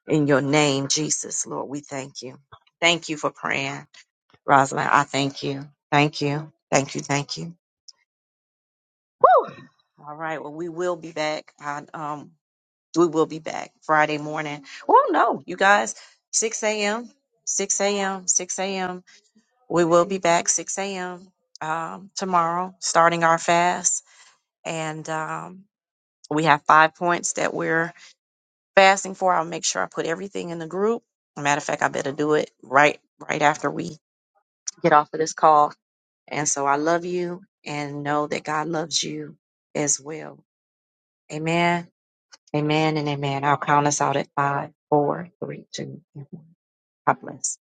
Speaker 1: In your name, Jesus, Lord, we thank you. Thank you for praying. Rosalind, I thank you. Thank you. Thank you. Thank you. Woo! All right. Well, we will be back. I, um, we will be back Friday morning. Well, no, you guys, 6 a.m., 6 a.m., 6 a.m. We will be back 6 a.m. Um, tomorrow, starting our fast. And um, we have five points that we're fasting for. I'll make sure I put everything in the group. Matter of fact, I better do it right right after we get off of this call. And so I love you and know that God loves you as well. Amen. Amen and amen. I'll count us out at five, four, three, two, and one. God bless.